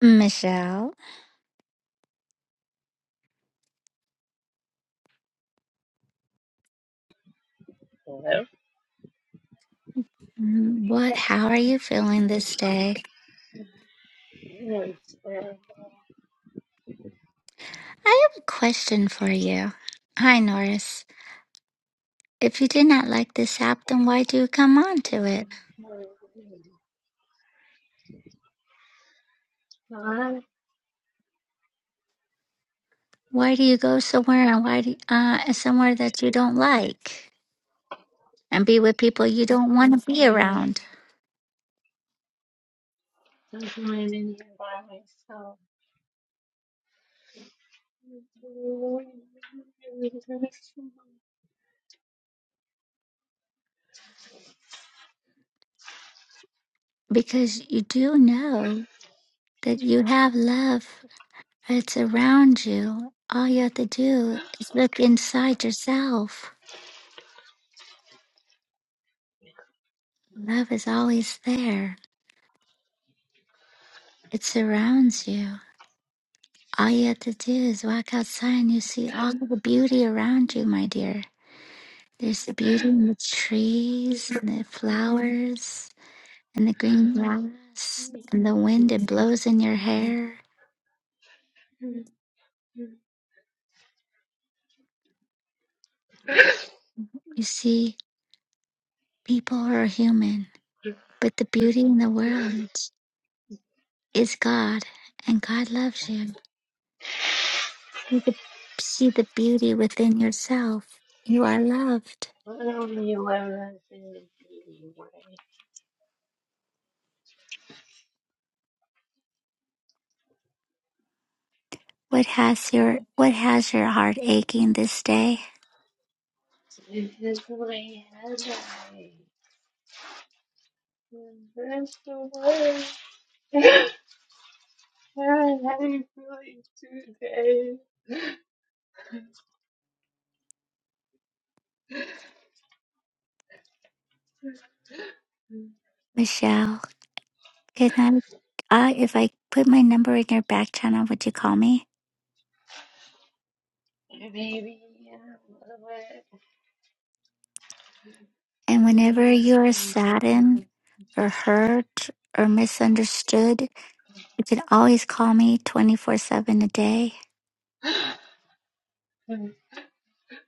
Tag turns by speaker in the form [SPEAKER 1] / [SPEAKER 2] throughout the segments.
[SPEAKER 1] Michelle,
[SPEAKER 2] Well,
[SPEAKER 1] mm-hmm, what? How are you feeling this day?
[SPEAKER 2] yes, uh,
[SPEAKER 1] I have a question for you. Hi, Norris. If you did not like this app, then why do you come on to it? Why do you go somewhere and why do uh somewhere that you don't like and be with people you don't want
[SPEAKER 2] I'm
[SPEAKER 1] to be
[SPEAKER 2] pretty much
[SPEAKER 1] around?
[SPEAKER 2] just laying in here by myself. But
[SPEAKER 1] Because you do know that you have love. It's around you. All you have to do is look inside yourself. Love is always there. It surrounds you. All you have to do is walk outside and you see all the beauty around you, my dear. There's the beauty in the trees and the flowers and the green grass and the wind that blows in your hair. You see, people are human, but the beauty in the world is God and God loves you. You can see the beauty within yourself. You are loved.
[SPEAKER 2] only eleven is the way.
[SPEAKER 1] What has your what has your heart aching this day,
[SPEAKER 2] This is my headache. That's the way. How had you feeling today.
[SPEAKER 1] Michelle? Can I, I, if I put my number in your back channel, would you call me?
[SPEAKER 2] Maybe I'm a
[SPEAKER 1] And
[SPEAKER 2] little
[SPEAKER 1] whenever you're saddened or hurt or misunderstood, you can always call me 24 7 a day.
[SPEAKER 2] bit.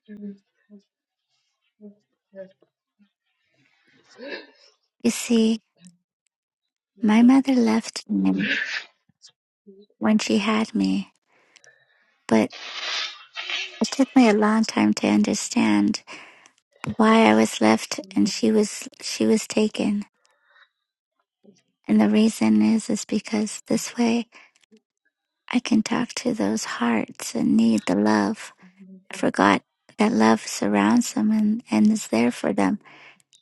[SPEAKER 2] We all we get
[SPEAKER 1] You see, my mother left me when she had me, but it took me a long time to understand why I was left and she was, she was taken. And the reason is, is because this way I can talk to those hearts and need the love I forgot that love surrounds them and, and is there for them.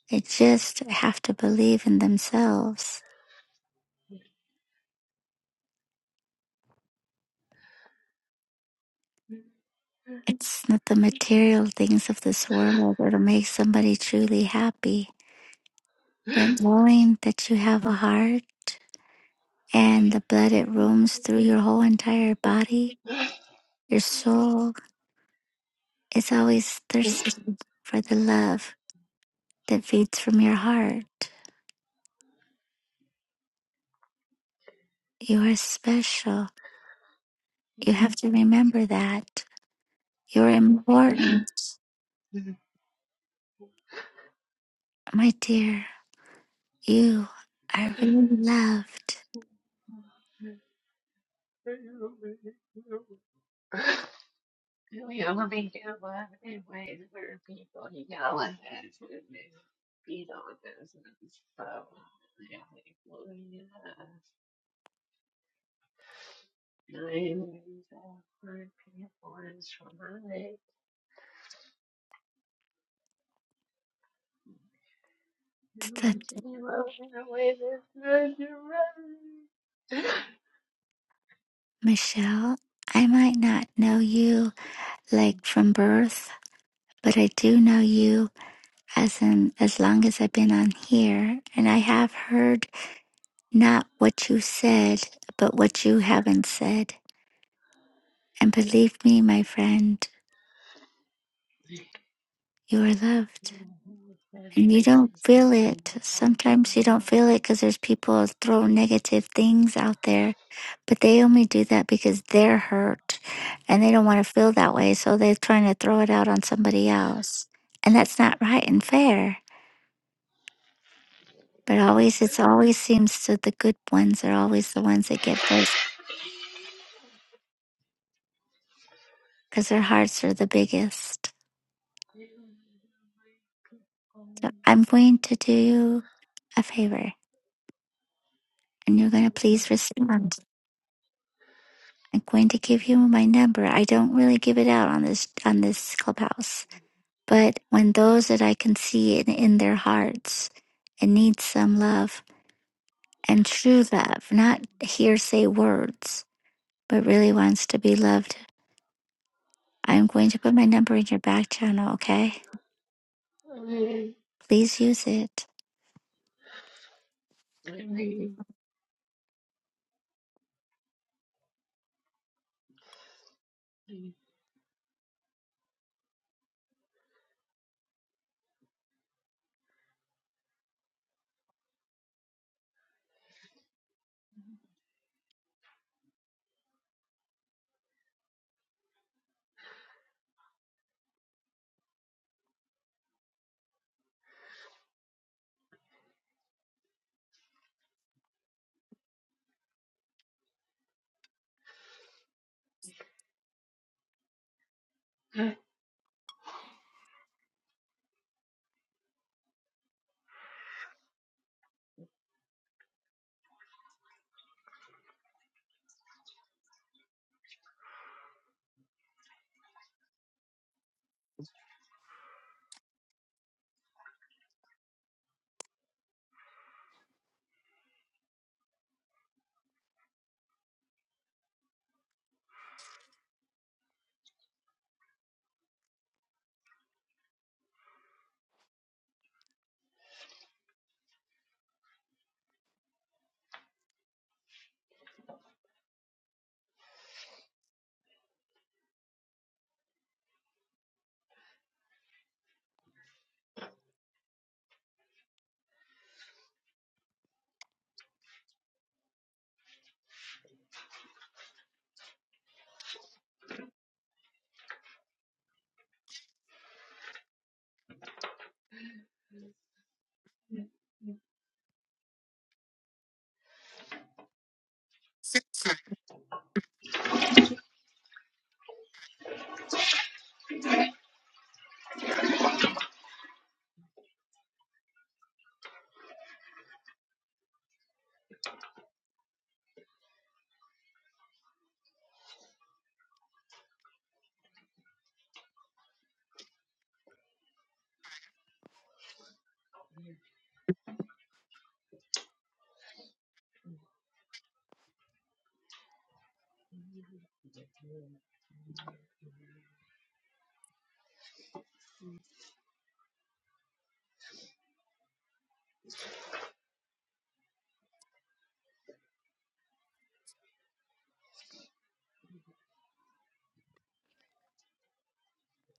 [SPEAKER 1] They just have to believe in themselves. It's not the material things of this world that'll make somebody truly happy, but knowing that you have a heart and the blood it roams through your whole entire body, your soul is always thirsting for the love that feeds from your heart. You are special. You have to remember that. You're important. My dear, you are really loved.
[SPEAKER 2] one in ways where people yell at us and they beat on us and so yeah, like, well, yeah, nine thousand people is traumatic. You
[SPEAKER 1] That
[SPEAKER 2] want to be loved in a way that's not your own.
[SPEAKER 1] Michelle, I might not know you like from birth, but I do know you as in as long as I've been on here, and I have heard not what you said, but what you haven't said. And believe me, my friend, you are loved.
[SPEAKER 2] You know, who was that
[SPEAKER 1] And you don't
[SPEAKER 2] racist
[SPEAKER 1] feel
[SPEAKER 2] thing? I
[SPEAKER 1] it.
[SPEAKER 2] don't
[SPEAKER 1] Sometimes you
[SPEAKER 2] know.
[SPEAKER 1] don't feel it because there's people throw negative things out there, but they only do that because they're hurt and they don't want to feel that way. So they're trying to throw it out on somebody else. And that's not right and fair. But always, it's always seems to the good ones are always the ones that get hurt because their hearts are the biggest.
[SPEAKER 2] I don't
[SPEAKER 1] So I'm going to do a favor and you're going to please respond. I'm going to give you my number. I don't really give it out on this on this clubhouse. But when those that I can see in, in their hearts and need some love and true love, not hearsay words, but really wants to be loved, I'm going to put my number in your back channel, okay? Please use it.
[SPEAKER 2] know. I mean,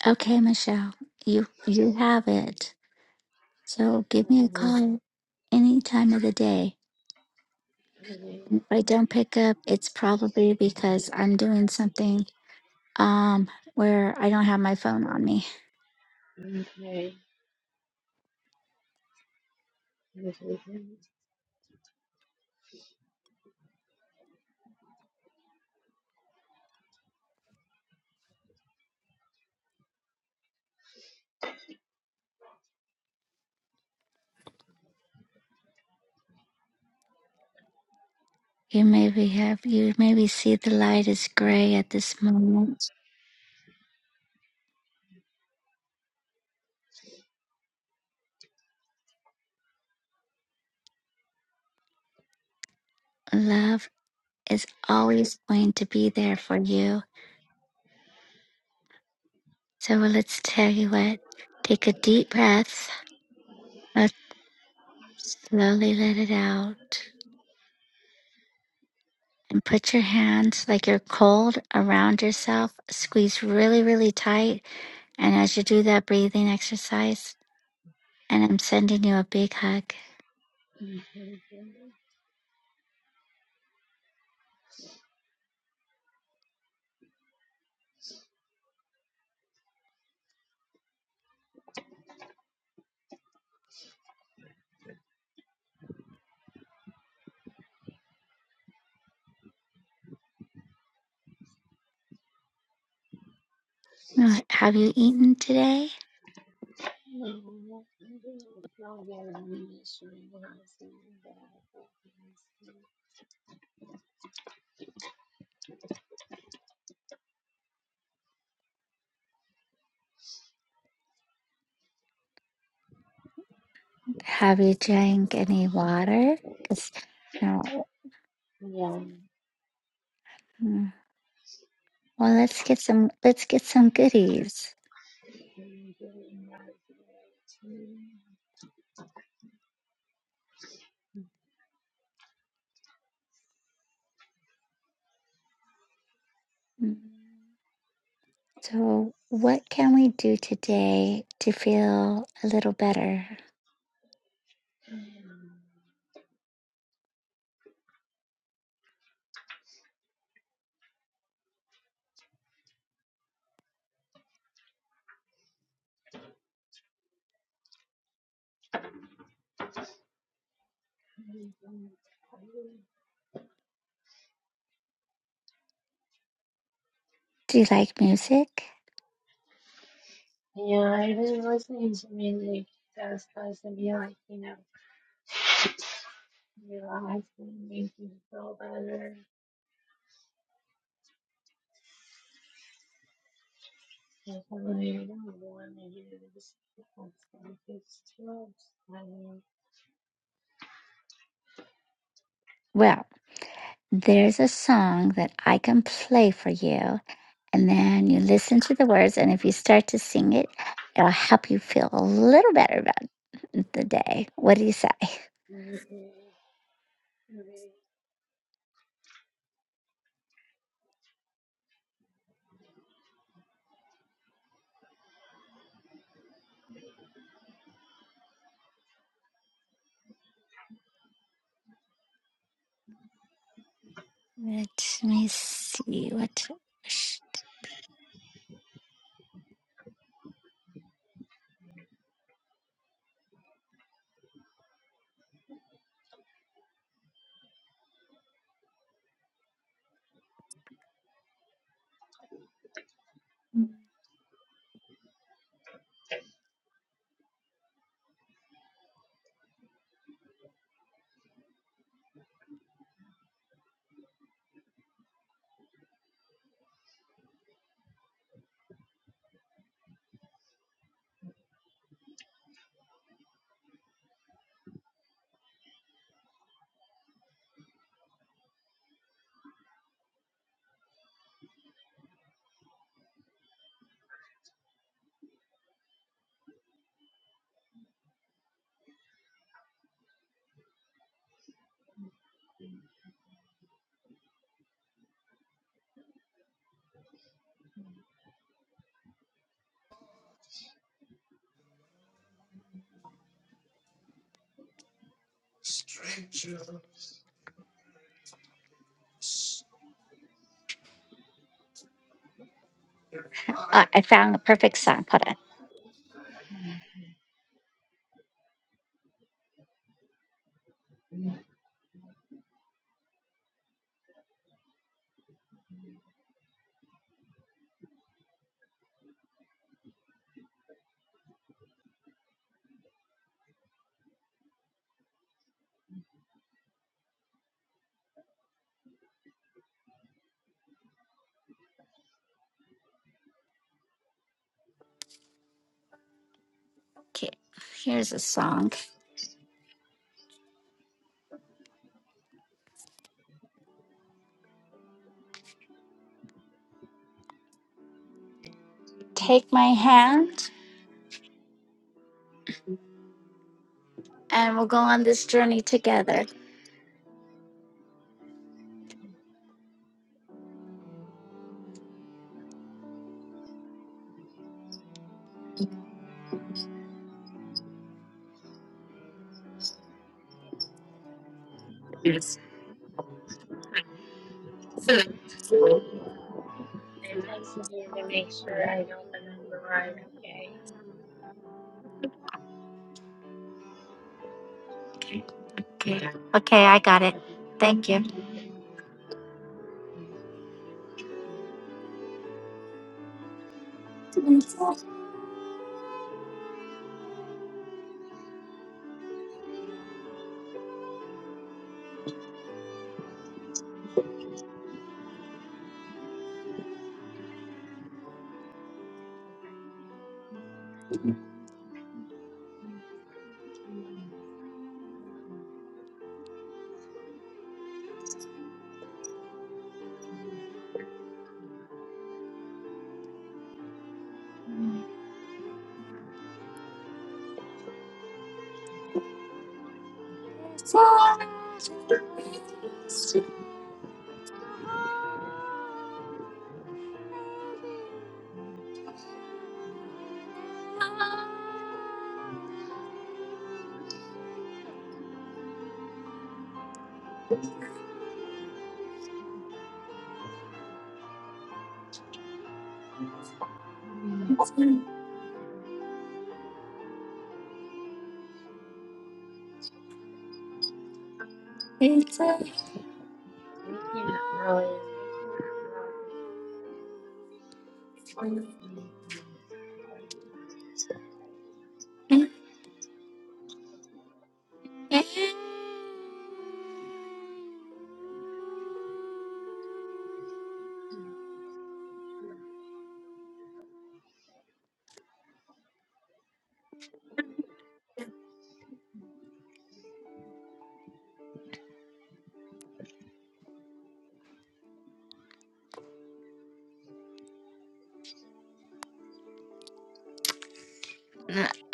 [SPEAKER 1] Okay, Michelle. You you have it. So give me a
[SPEAKER 2] I
[SPEAKER 1] call any time of the day. If I don't pick up, it's probably because I'm doing something um where I don't have my phone on me.
[SPEAKER 2] Okay.
[SPEAKER 1] You maybe have you maybe see the light is gray at this moment. Love is always going to be there for you. So well, let's tell you what. Take a deep breath. but slowly let it out. And put your hands like you're cold around yourself. Squeeze really, really tight. And as you do that breathing exercise, and I'm sending you a big hug. Not, have you eaten today? Have you drank any water? 'Cause, you know, mm, well, let's get some, let's get some goodies.
[SPEAKER 2] Yeah,
[SPEAKER 1] Mm. So, what can we do today to feel a little better? Do you like music?
[SPEAKER 2] I've been listening to music that's supposed to be like, you know, relaxing, make you feel better. Because I'm like, I don't want to hear this. It's Like, it's too upsetting.
[SPEAKER 1] Well, there's a song that I can play for you, and then you listen to the words, and if you start to sing it, it'll help you feel a little better about the day. What do you say? Let me see what Ah, I found the perfect song. Hold on. Okay, here's a song. Take my hand, and we'll go on this journey together.
[SPEAKER 2] It takes a year to make sure I don't remember right, okay?
[SPEAKER 1] Okay. Okay, I got it.
[SPEAKER 2] But,
[SPEAKER 1] Thank you.
[SPEAKER 2] mm, I can't really hear it.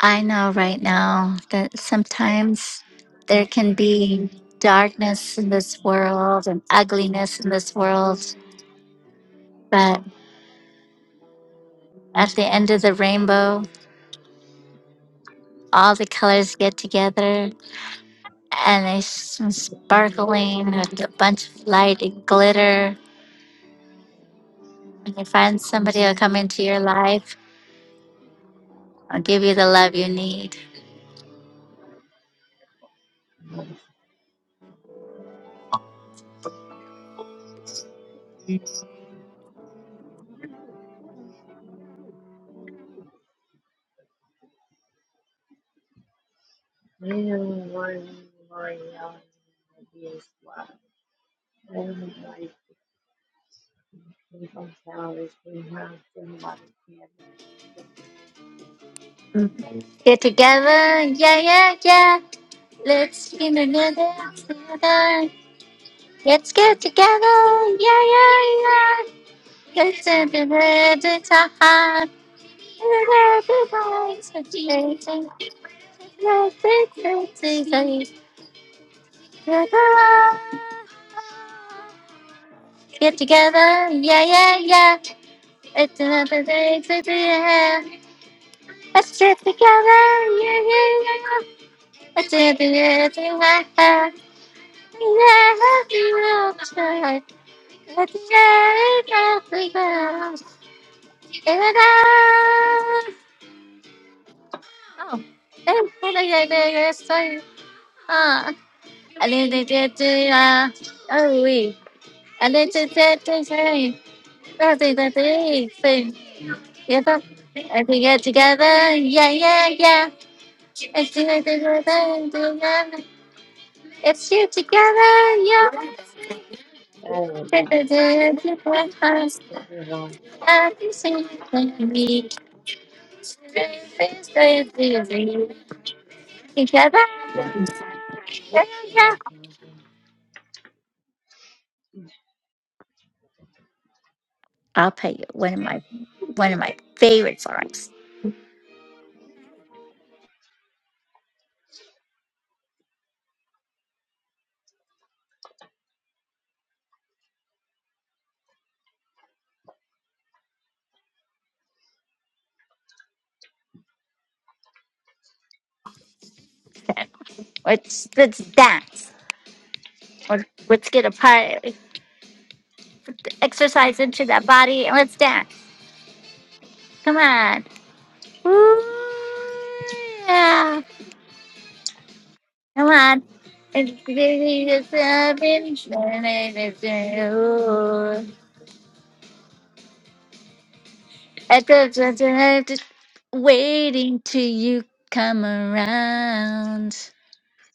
[SPEAKER 1] I know right now that sometimes there can be darkness in this world and ugliness in this world, but at the end of the rainbow, all the colors get together and they s- sparkling with a bunch of light and glitter When you find somebody who'll come into your life, I'll give you the love you need.
[SPEAKER 2] Anyone worrying on ideas why everyone like we from flowers, we have somebody care about That
[SPEAKER 1] Yeah, let's get together.
[SPEAKER 2] would
[SPEAKER 1] together. Let's get together. Yeah, yeah, yeah. Let's
[SPEAKER 2] be
[SPEAKER 1] get together. time. Let's get together. Let's get together. Get together. Yeah, yeah, yeah. It's another day to be here. Let's get together. Yeah, yeah, yeah. I did the editing I had. Yeah, outside. I did everything else. And I... Oh. And what I did is I... Ah. I did the editing. uh, Oh, we. I did the editing. I did the editing. Yeah, I did get together. Yeah, yeah, yeah. I think I did it together. It's you together. Yeah. I'll
[SPEAKER 2] on me.
[SPEAKER 1] play
[SPEAKER 2] This is on
[SPEAKER 1] you one of my one of my favorite songs. Let's let's dance. Or let's get a part exercise into that body and let's dance. Come on. Ooh, yeah. Come on. It's really just a pinch, and it's, uh, I just want to have to waiting till you come around.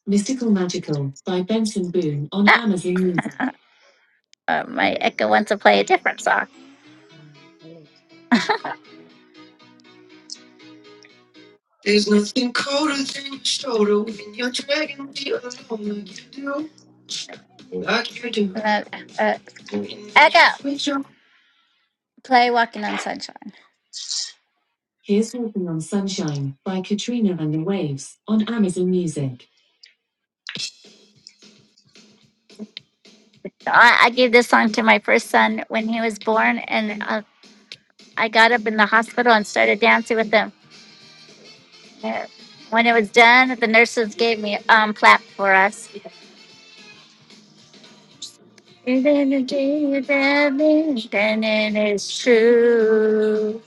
[SPEAKER 1] Mystical Magical by Benson Boone on Ah, Amazon Music. uh, my Echo wants to play a different song. Uh, uh, Echo, play Walking on Sunshine. Here's Walking on Sunshine by Katrina and the Waves on Amazon Music. I, I gave this song to my first son when he was born, and uh, I got up in the hospital and started dancing with him. Uh, When it was done, the nurses gave me um clap for us. And then it is then it is true.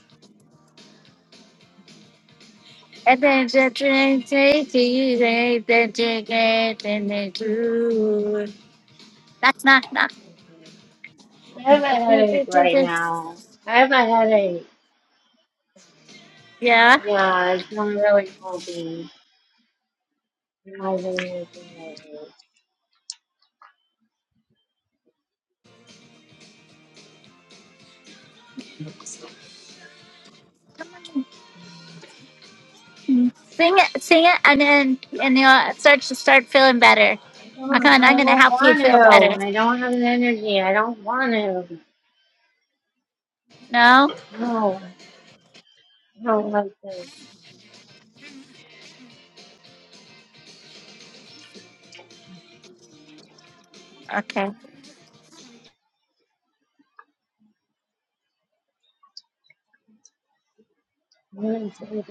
[SPEAKER 1] And then the drink takes you, then you get in the groove. Knock, knock, knock.
[SPEAKER 2] I have a headache right now. I have a headache.
[SPEAKER 1] Yeah.
[SPEAKER 2] Yeah, it's not really holding. I'm Not really anything else.
[SPEAKER 1] Sing it, sing it, and then and you'll start to start feeling better. Okay, and I'm
[SPEAKER 2] I don't
[SPEAKER 1] gonna help you
[SPEAKER 2] want to.
[SPEAKER 1] feel better.
[SPEAKER 2] I don't have the energy. I don't want to.
[SPEAKER 1] No,
[SPEAKER 2] No, I don't like this.
[SPEAKER 1] okay,
[SPEAKER 2] I'm gonna take it.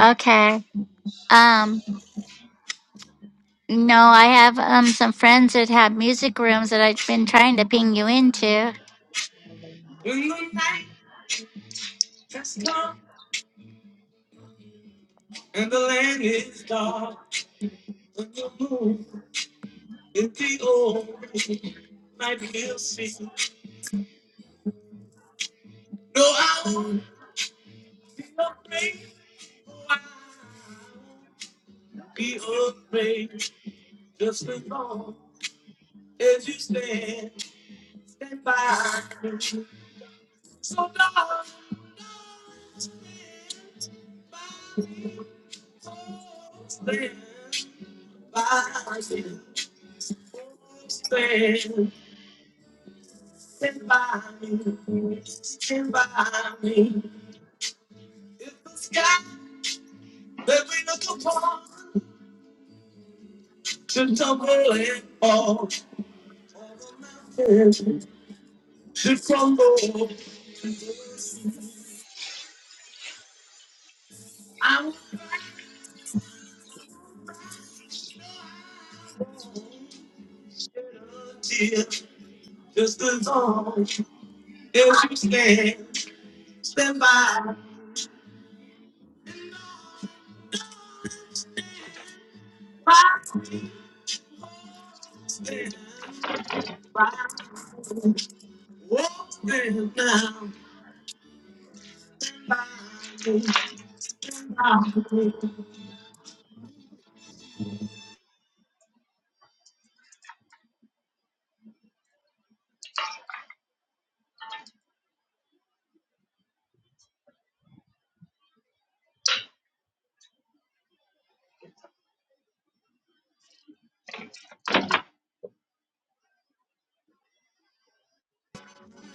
[SPEAKER 1] okay. Um, no, I have um some friends that have music rooms that I've been trying to ping you into.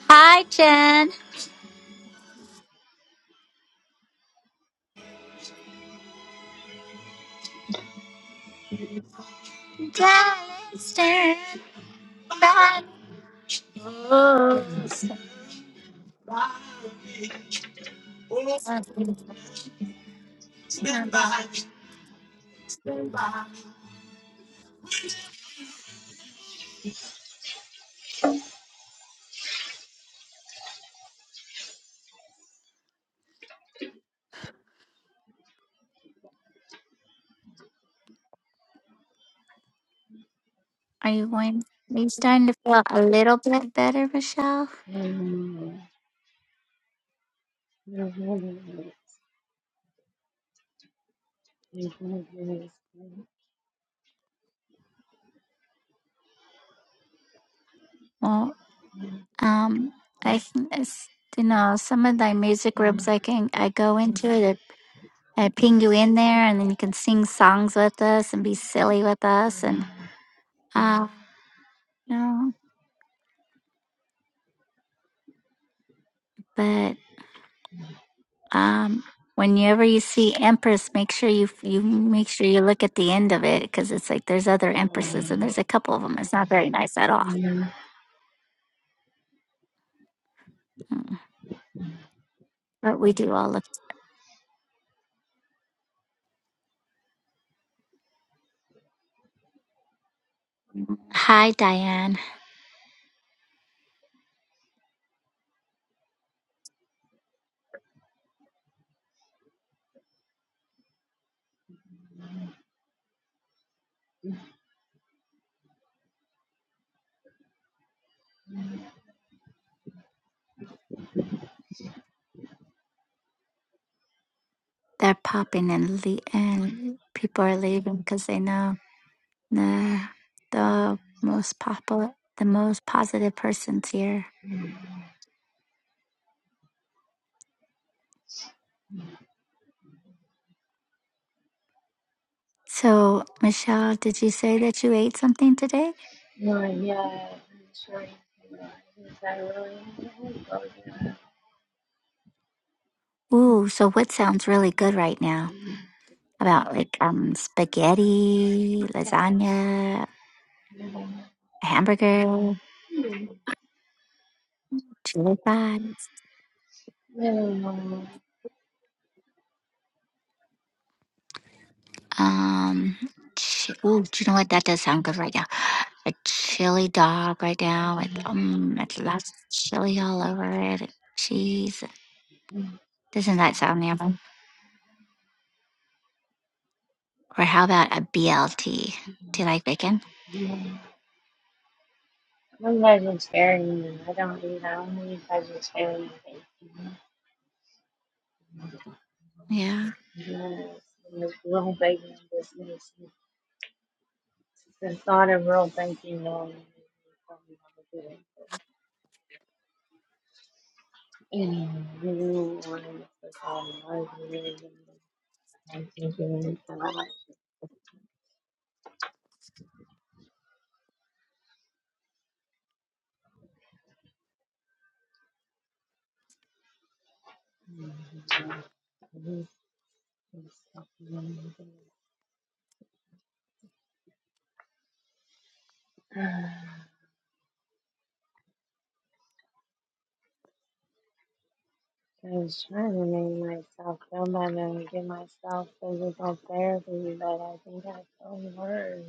[SPEAKER 1] Hi, Jen. Dallas, turn back. Are you going? Are you starting to feel a little bit better, Michelle? Well, Um, I think it's, you know some of the music groups I can I go into it. I, ping you in there, and then you can sing songs with us and be silly with us, and uh, no. But um, whenever you see Empress, make sure you you make sure you look at the end of it because it's like there's other Empresses, and there's a couple of them. It's not very nice at all. Mm. But we do all look. Hi, Diane. They're popping and le- and people are leaving because they know. the the most popular, the most positive person's here. So, Michelle, did you say that you ate something today?
[SPEAKER 2] No, yeah, I'm sorry. I
[SPEAKER 1] Ooh, so what sounds really good right now? About like um spaghetti, lasagna, hamburger, chili fries.
[SPEAKER 2] really don't like
[SPEAKER 1] Um, ch- ooh, do you know what? That does sound good right now. A chili dog right now with um, it's lots of chili all over it, cheese. Doesn't that sound yummy? Or how about a BLT? Do you like bacon?
[SPEAKER 2] it. I'm vegetarian I don't eat, I only eat vegetarian bacon.
[SPEAKER 1] Yeah.
[SPEAKER 2] Yes, and this real bacon just makes me, the thought of real bacon normally really good. And you want to put all the love in it and I think you need to like. I was trying to make myself feel better and get myself physical therapy, but I think I feel worse.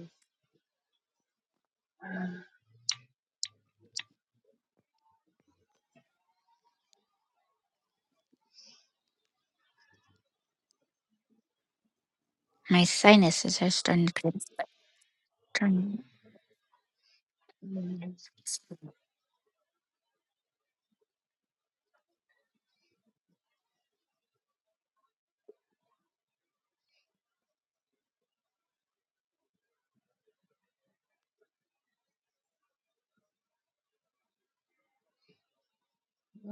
[SPEAKER 1] My sinuses are starting to get
[SPEAKER 2] Mm.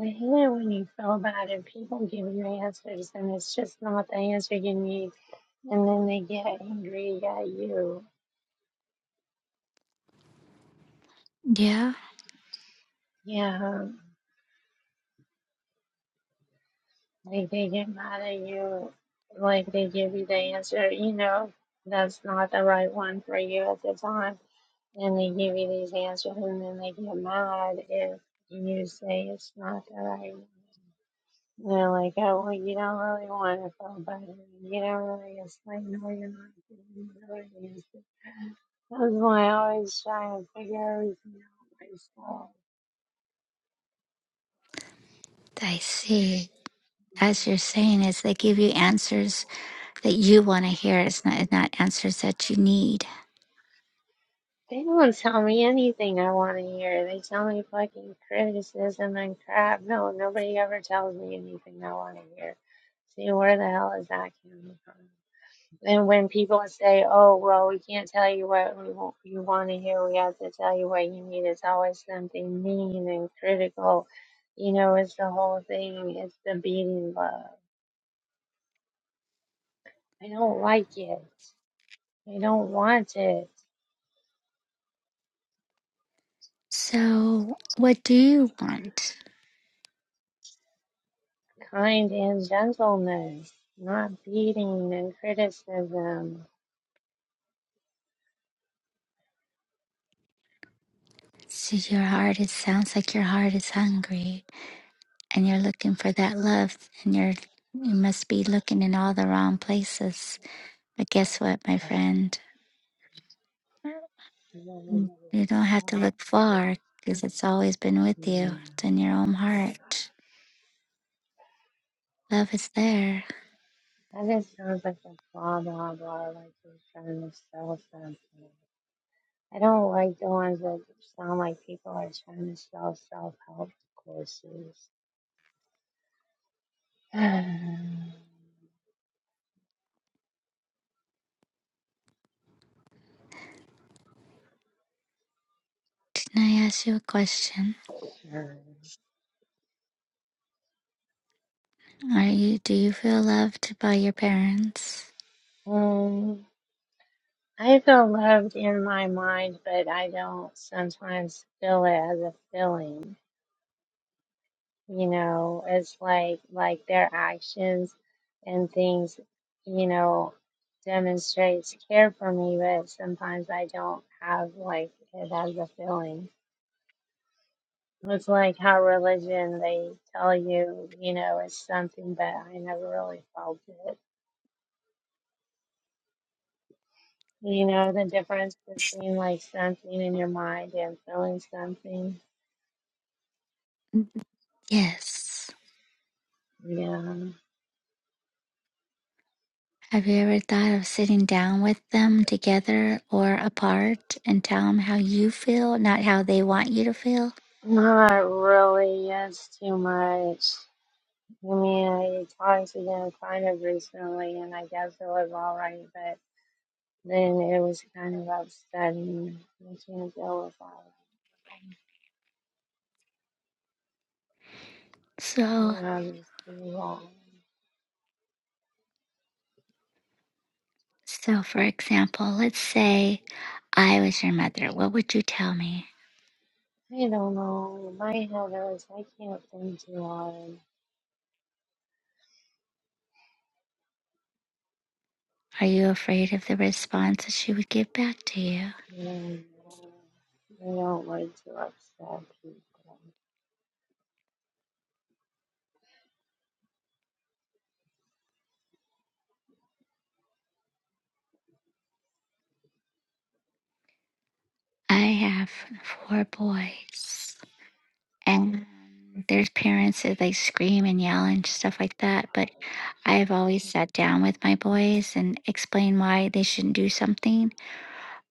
[SPEAKER 2] I hate it when you feel bad and people give you answers and it's just not the answer you need, and then they get angry at you.
[SPEAKER 1] Yeah,
[SPEAKER 2] Yeah, like they get mad at you, like they give you the answer, you know, that's not the right one for you at the time And they give you these answers, and then they get mad if you say it's not the right one. They're like, oh, well, you don't really want to feel better. You don't really explain why you're not getting the right answer. That's why I always try to figure everything out myself.
[SPEAKER 1] I see. As you're saying, is they give you answers that you want to hear. It's not, it's not answers that you need.
[SPEAKER 2] They don't tell me anything I want to hear. They tell me fucking criticism and crap. No, nobody ever tells me anything I want to hear. See, where the hell is that coming from? And when people say, "Oh, well, we can't tell you what we want, you want to hear. We have to tell you what you need," it's always something mean and critical. You know, it's the whole thing. It's the beating love. I don't like it. I don't want it.
[SPEAKER 1] So, what do you want?
[SPEAKER 2] Kind and gentleness, not beating and criticism.
[SPEAKER 1] So your heart, it sounds like your heart is hungry and you're looking for that love and you're, you must be looking in all the wrong places. But guess what, my friend?
[SPEAKER 2] And then
[SPEAKER 1] Mm,
[SPEAKER 2] another
[SPEAKER 1] You don't have to
[SPEAKER 2] thought.
[SPEAKER 1] look far because it's always been with you.
[SPEAKER 2] Hmm.
[SPEAKER 1] It's in your own heart. Love is there.
[SPEAKER 2] That just sounds like a blah blah blah, like you're trying to sell something. I don't like the ones that sound like people are trying to sell self-help courses.
[SPEAKER 1] Can I ask you a question?
[SPEAKER 2] sure.
[SPEAKER 1] Are you do you feel loved by your parents?
[SPEAKER 2] Um, I feel loved in my mind, but I don't sometimes feel it as a feeling. You know, it's like like their actions and things, you know, demonstrates care for me, but sometimes I don't have like it as a feeling. It's like how religion, they tell you, you know, it's something, but I never really felt it. You know, the difference between like something in your mind and feeling something.
[SPEAKER 1] Yes.
[SPEAKER 2] Yeah.
[SPEAKER 1] Have you ever thought of sitting down with them together or apart and tell them how you feel, not how they want you to feel?
[SPEAKER 2] Not really. It's too much. I mean, I talked to them kind of recently, and I guess it was all right, but then it was kind of upsetting. I can't deal with all of them. You
[SPEAKER 1] So,
[SPEAKER 2] know, just be wrong.
[SPEAKER 1] so for example, let's say I was your mother. What would you tell me?
[SPEAKER 2] I don't know. In My head is I can't think too hard.
[SPEAKER 1] Are you afraid of the response that she would give back to you?
[SPEAKER 2] And, uh, I don't like to upset people.
[SPEAKER 1] I have four boys, and their parents that they scream and yell and stuff like that. But I've always sat down with my boys and explained why they shouldn't do something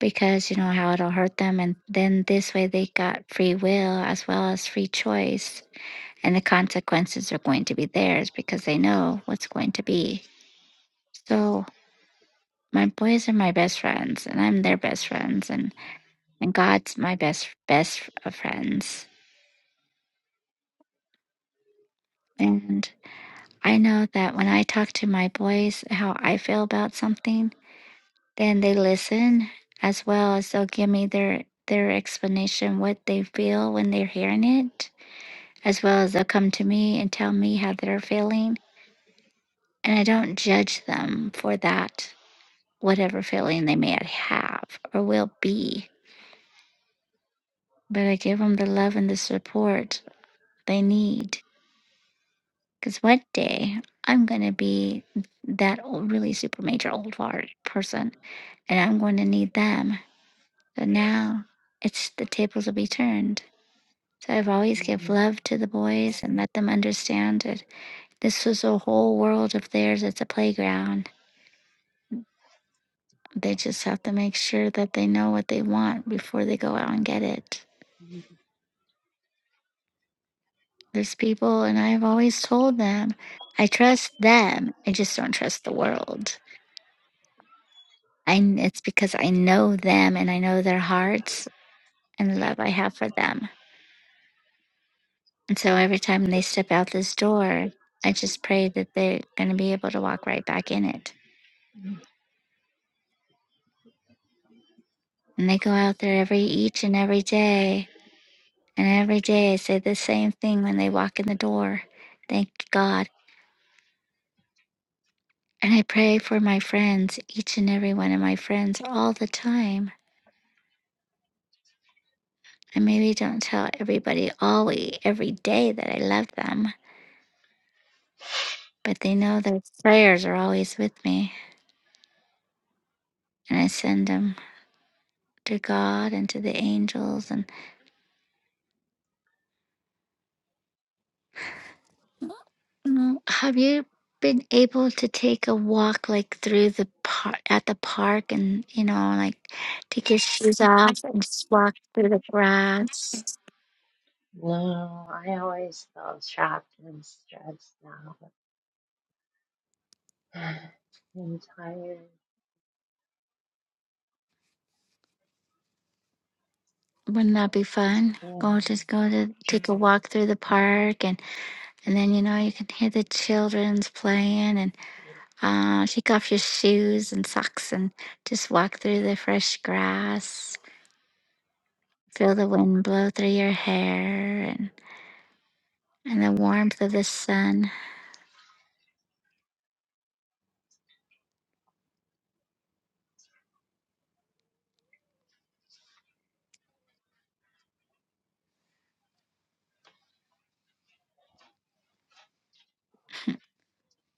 [SPEAKER 1] because you know how it'll hurt them, and then this way they got free will as well as free choice, and the consequences are going to be theirs because they know what's going to be. So my boys are my best friends, and I'm their best friends, and and God's my best best of friends And I know that when I talk to my boys how I feel about something, then they listen as well as they'll give me their their explanation what they feel when they're hearing it, as well as they'll come to me and tell me how they're feeling. And I don't judge them for that, whatever feeling they may have or will be. But I give them the love and the support they need. Because one day I'm going to be that old, really super major old fart person and I'm going to need them. So now it's the tables will be turned. So I've always give
[SPEAKER 2] Mm,
[SPEAKER 1] love to the boys and let them understand that this is a whole world of theirs. It's a playground. They just have to make sure that they know what they want before they go out and get it. There's people, and I've always told them, I trust them. I just don't trust the world. I, it's because I know them and I know their hearts and the love I have for them. And so every time they step out this door, I just pray that they're going to be able to walk right back in it. And they go out there every each and every day. And every day I say the same thing when they walk in the door. Thank God. And I pray for my friends, each and every one of my friends, all the time. I maybe don't tell everybody always every day that I love them, but they know their prayers are always with me. And I send them to God and to the angels and. Mm, Have you been able to take a walk like through the park at the park and you know like take your shoes off and just walk through the grass?
[SPEAKER 2] No, I always feel trapped and stressed out. I'm tired.
[SPEAKER 1] Wouldn't that be fun?
[SPEAKER 2] Yeah.
[SPEAKER 1] Go just go to take a walk through the park and and then you know you can hear the children's playing and uh, take off your shoes and socks and just walk through the fresh grass. Feel the wind blow through your hair and and the warmth of the sun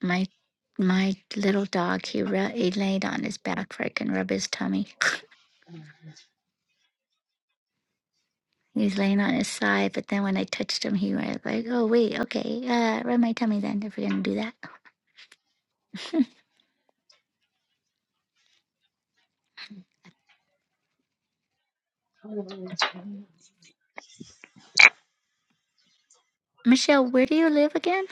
[SPEAKER 1] My my little dog, he re- he laid on his back where I can rub his tummy. He was laying on his side, but then when I touched him, he was like, "Oh wait, okay, uh, rub my tummy then if we're gonna do that."
[SPEAKER 2] Mm, totally tired.
[SPEAKER 1] Michelle, where do you live again?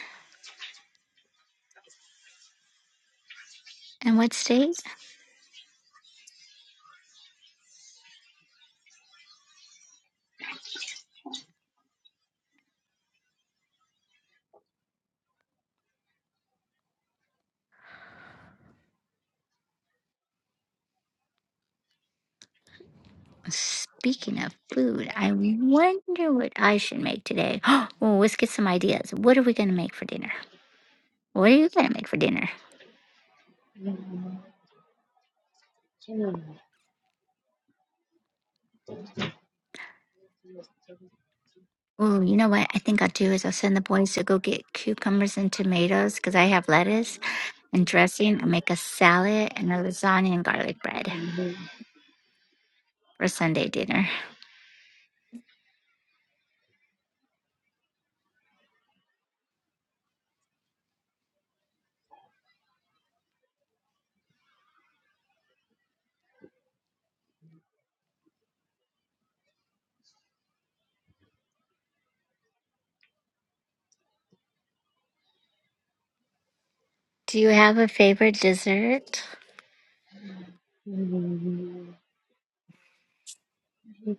[SPEAKER 1] And what state? Speaking of food, I wonder what I should make today. well, let's get some ideas. What are we gonna make for dinner? What are you gonna make for dinner?
[SPEAKER 2] Mm, yeah.
[SPEAKER 1] Oh, you know what I think I'll do is I'll send the boys to go get cucumbers and tomatoes because I have lettuce and dressing I make a salad and a lasagna and garlic bread for Sunday dinner. Do you have a favorite dessert?
[SPEAKER 2] Mm,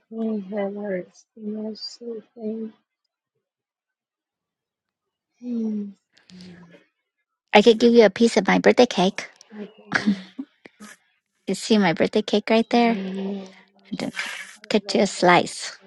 [SPEAKER 2] My head hurts too much sleeping. Mm,
[SPEAKER 1] I could give you a piece of my birthday cake.
[SPEAKER 2] yeah.
[SPEAKER 1] You see my birthday cake right there?
[SPEAKER 2] Yeah,
[SPEAKER 1] I just cut you a slice.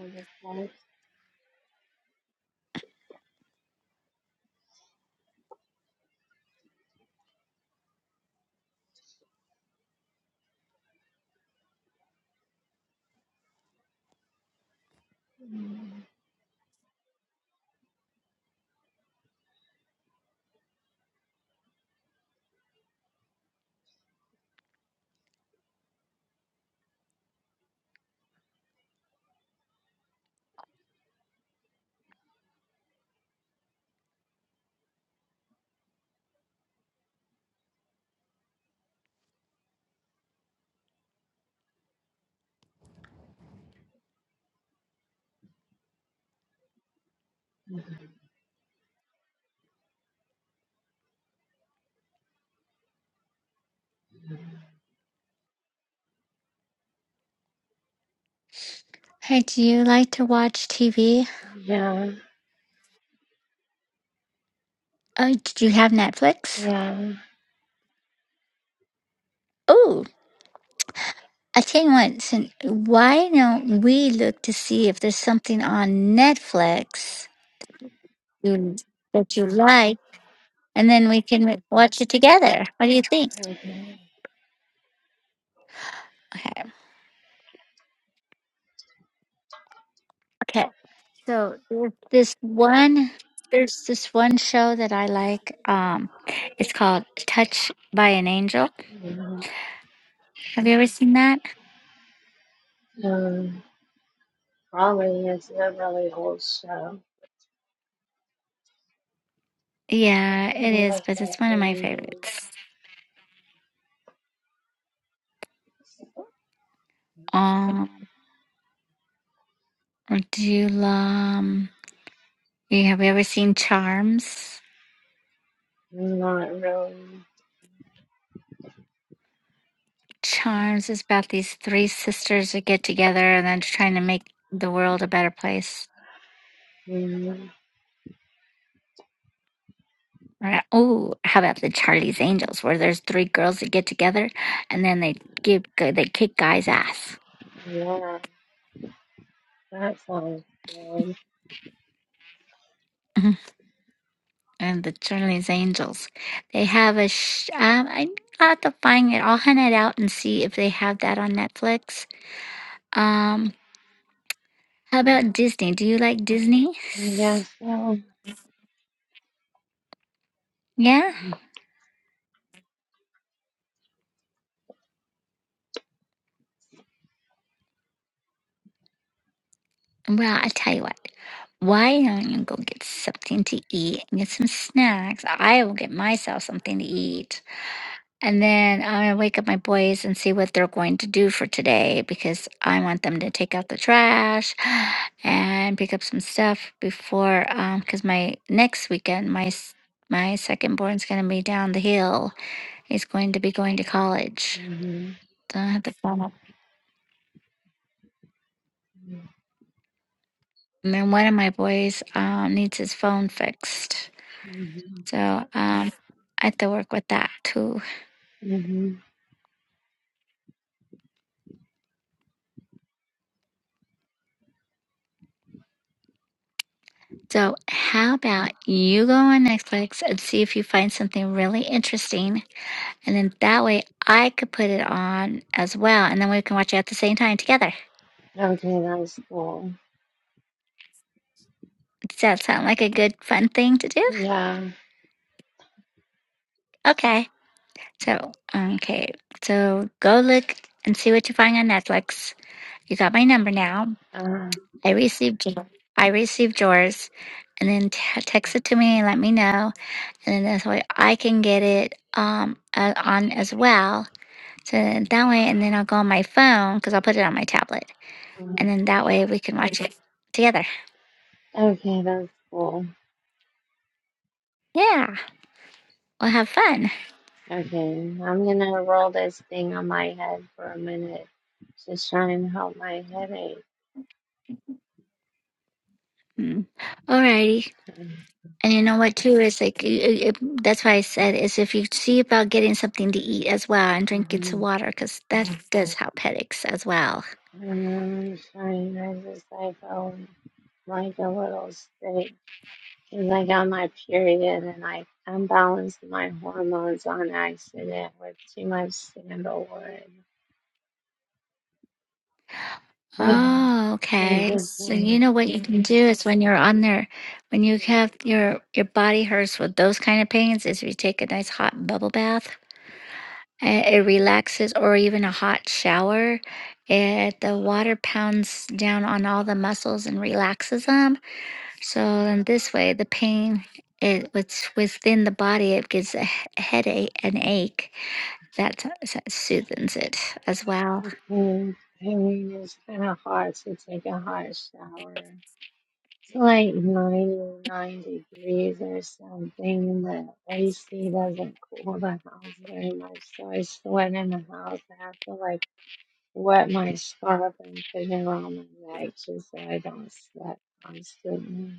[SPEAKER 1] Hey, do you like to watch TV? Oh, do you have Netflix?
[SPEAKER 2] yeah.
[SPEAKER 1] Oh, I tell you what, sin- why don't we look to see if there's something on Netflix you, that you like, and then we can watch it together. What do you think?
[SPEAKER 2] Okay.
[SPEAKER 1] Okay. Okay. So there's this one there's this one show that I like. Um it's called Touch by an Angel.
[SPEAKER 2] Yeah.
[SPEAKER 1] Have you ever seen that?
[SPEAKER 2] Um, probably it's a really old show. It's
[SPEAKER 1] Yeah, it
[SPEAKER 2] kinda
[SPEAKER 1] is,
[SPEAKER 2] like
[SPEAKER 1] but
[SPEAKER 2] the
[SPEAKER 1] it's one of my
[SPEAKER 2] 80s.
[SPEAKER 1] favorites. Um do you um you have you ever seen Charms?
[SPEAKER 2] Not really.
[SPEAKER 1] Charms is about these three sisters that get together and then trying to make the world a better place.
[SPEAKER 2] Yeah,
[SPEAKER 1] Oh, how about the Charlie's Angels, where there's three girls that get together and then they give they kick guys' ass.
[SPEAKER 2] yeah. That sounds good.
[SPEAKER 1] and the Charlie's Angels. They have a sh- um, I I'll have to find it. I'll hunt it out and see if they have that on Netflix. Um, how about Disney? Do you like Disney?
[SPEAKER 2] I guess so.
[SPEAKER 1] Yeah. Well, I tell you what. Why don't you go get something to eat and get some snacks? I will get myself something to eat. And then I'm gonna wake up my boys and see what they're going to do for today because I want them to take out the trash and pick up some stuff before um because my next weekend my s- my second born's gonna be down the hill. He's going to be going to college.
[SPEAKER 2] Mm-hmm.
[SPEAKER 1] So I have to phone up. And then one of my boys um needs his phone fixed.
[SPEAKER 2] Mm-hmm.
[SPEAKER 1] So um I have to work with that too.
[SPEAKER 2] hmm
[SPEAKER 1] So how about you go on Netflix and see if you find something really interesting And then that way I could put it on as well. And then we can watch it at the same time together.
[SPEAKER 2] Okay, that's cool.
[SPEAKER 1] Does that sound like a good, fun thing to do?
[SPEAKER 2] Yeah.
[SPEAKER 1] Okay. So, okay. So go look and see what you find on Netflix. You got my number now.
[SPEAKER 2] Uh,
[SPEAKER 1] I received, I received yours. And then t- text it to me and let me know. And then that's way I can get it um uh, on as well. So then that way, and then I'll go on my phone because I'll put it on my tablet.
[SPEAKER 2] uh,
[SPEAKER 1] And then that way we can watch it together.
[SPEAKER 2] okay, that's cool.
[SPEAKER 1] Yeah. Well, have fun.
[SPEAKER 2] Okay, I'm gonna roll this thing on my head for a minute. Just try and help my headache.
[SPEAKER 1] Mm. Alrighty. And you know what, too, is like, you- you- you- that's why I said, is if you see about getting something to eat as well and drinking some
[SPEAKER 2] Mhm.
[SPEAKER 1] water, because that Mhm. does help headaches as well.
[SPEAKER 2] I'm trying, I just, I felt like a little sick. Cause I got my period and I unbalanced my hormones on accident with too much sandalwood. I'm
[SPEAKER 1] Oh, okay.
[SPEAKER 2] just
[SPEAKER 1] So you know
[SPEAKER 2] do
[SPEAKER 1] what you can do is when you're on there, when you have your your body hurts with those kind of pains, is if you take a nice hot bubble bath, uh, it relaxes, or even a hot shower. It the water pounds down on all the muscles and relaxes them So in this way, the pain it was within the body. It gives a he- headache, an ache that s- soothes it as well.
[SPEAKER 2] Okay, I mean, it's kind of hard to take a hot shower. It's like 99 degrees or something. The AC doesn't cool the house very much, so I sweat in the house. I have to like wet my scarf and put it around my neck just so I don't sweat constantly.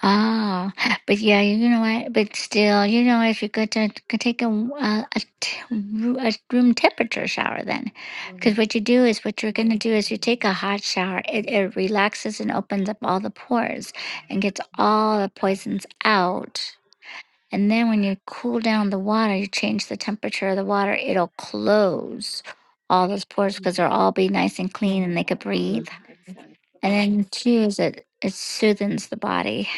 [SPEAKER 1] Oh, but yeah, you know what? But still, you know, if you could, ta- could take a, w- a, a t- ru- a room temperature shower, then, because
[SPEAKER 2] Yeah.
[SPEAKER 1] what you do is what you're going to do is you take a hot shower. It, it relaxes and opens up all the pores and gets all the poisons out. And then when you cool down the water, you change the temperature of the water, it'll close all those pores because they'll
[SPEAKER 2] Mhm.
[SPEAKER 1] all be nice and clean and they could breathe. And then two is it it soothes the body.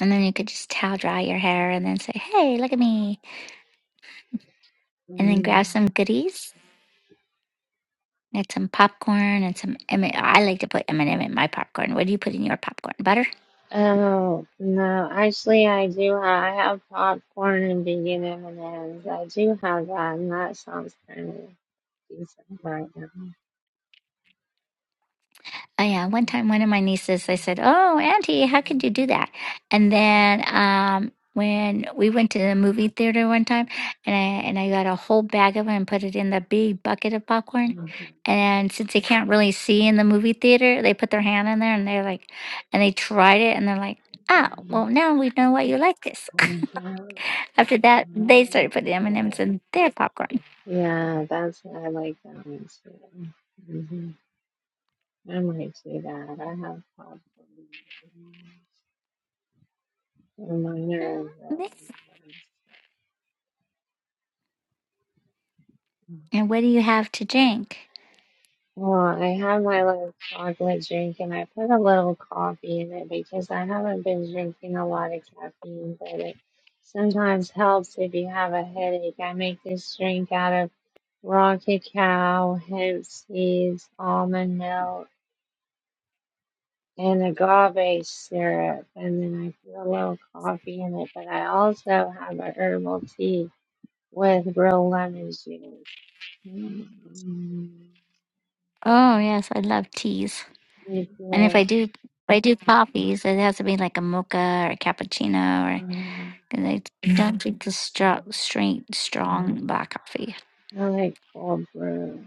[SPEAKER 1] And then you could just towel dry your hair and then say, Hey, look at me. And then grab
[SPEAKER 2] Mhm.
[SPEAKER 1] some goodies. Get some popcorn and some M- I like to put M&M in my popcorn. What do you put in your popcorn? Butter?
[SPEAKER 2] Oh no, actually I do have, I have popcorn and vegan M&Ms. I do have that and that sounds kind of decent right now.
[SPEAKER 1] Oh yeah, one time one of my nieces, they said, "Oh, Auntie, how could you do that?" And then um, when we went to the movie theater one time, and I and I got a whole bag of them and put it in the big bucket of popcorn. And since they can't really see in the movie theater, they put their hand in there and they're like, and they tried it and they're like, "Ah, well now we know why you like this." After that, they started putting M and M's in their popcorn.
[SPEAKER 2] Yeah, that's I like that one too. hmm I might do that. I have problems. Reminder of
[SPEAKER 1] Mm,
[SPEAKER 2] that.
[SPEAKER 1] this- And what do you have to drink?
[SPEAKER 2] Well, I had my little chocolate drink and I put a little coffee in it because I haven't been drinking a lot of caffeine, but it sometimes helps if you have a headache. I make this drink out of raw cacao, hemp seeds, almond milk. and agave syrup, and then I put a little coffee in it. But I also have a herbal tea with real lemon juice. Mm,
[SPEAKER 1] Oh yes, I love teas.
[SPEAKER 2] Me
[SPEAKER 1] And if I
[SPEAKER 2] too.
[SPEAKER 1] do, if I do coffees, it has to be like a mocha or a cappuccino, or
[SPEAKER 2] Uh,
[SPEAKER 1] 'cause I don't Mhm. drink the straw, straight, strong black coffee.
[SPEAKER 2] I like cold brew.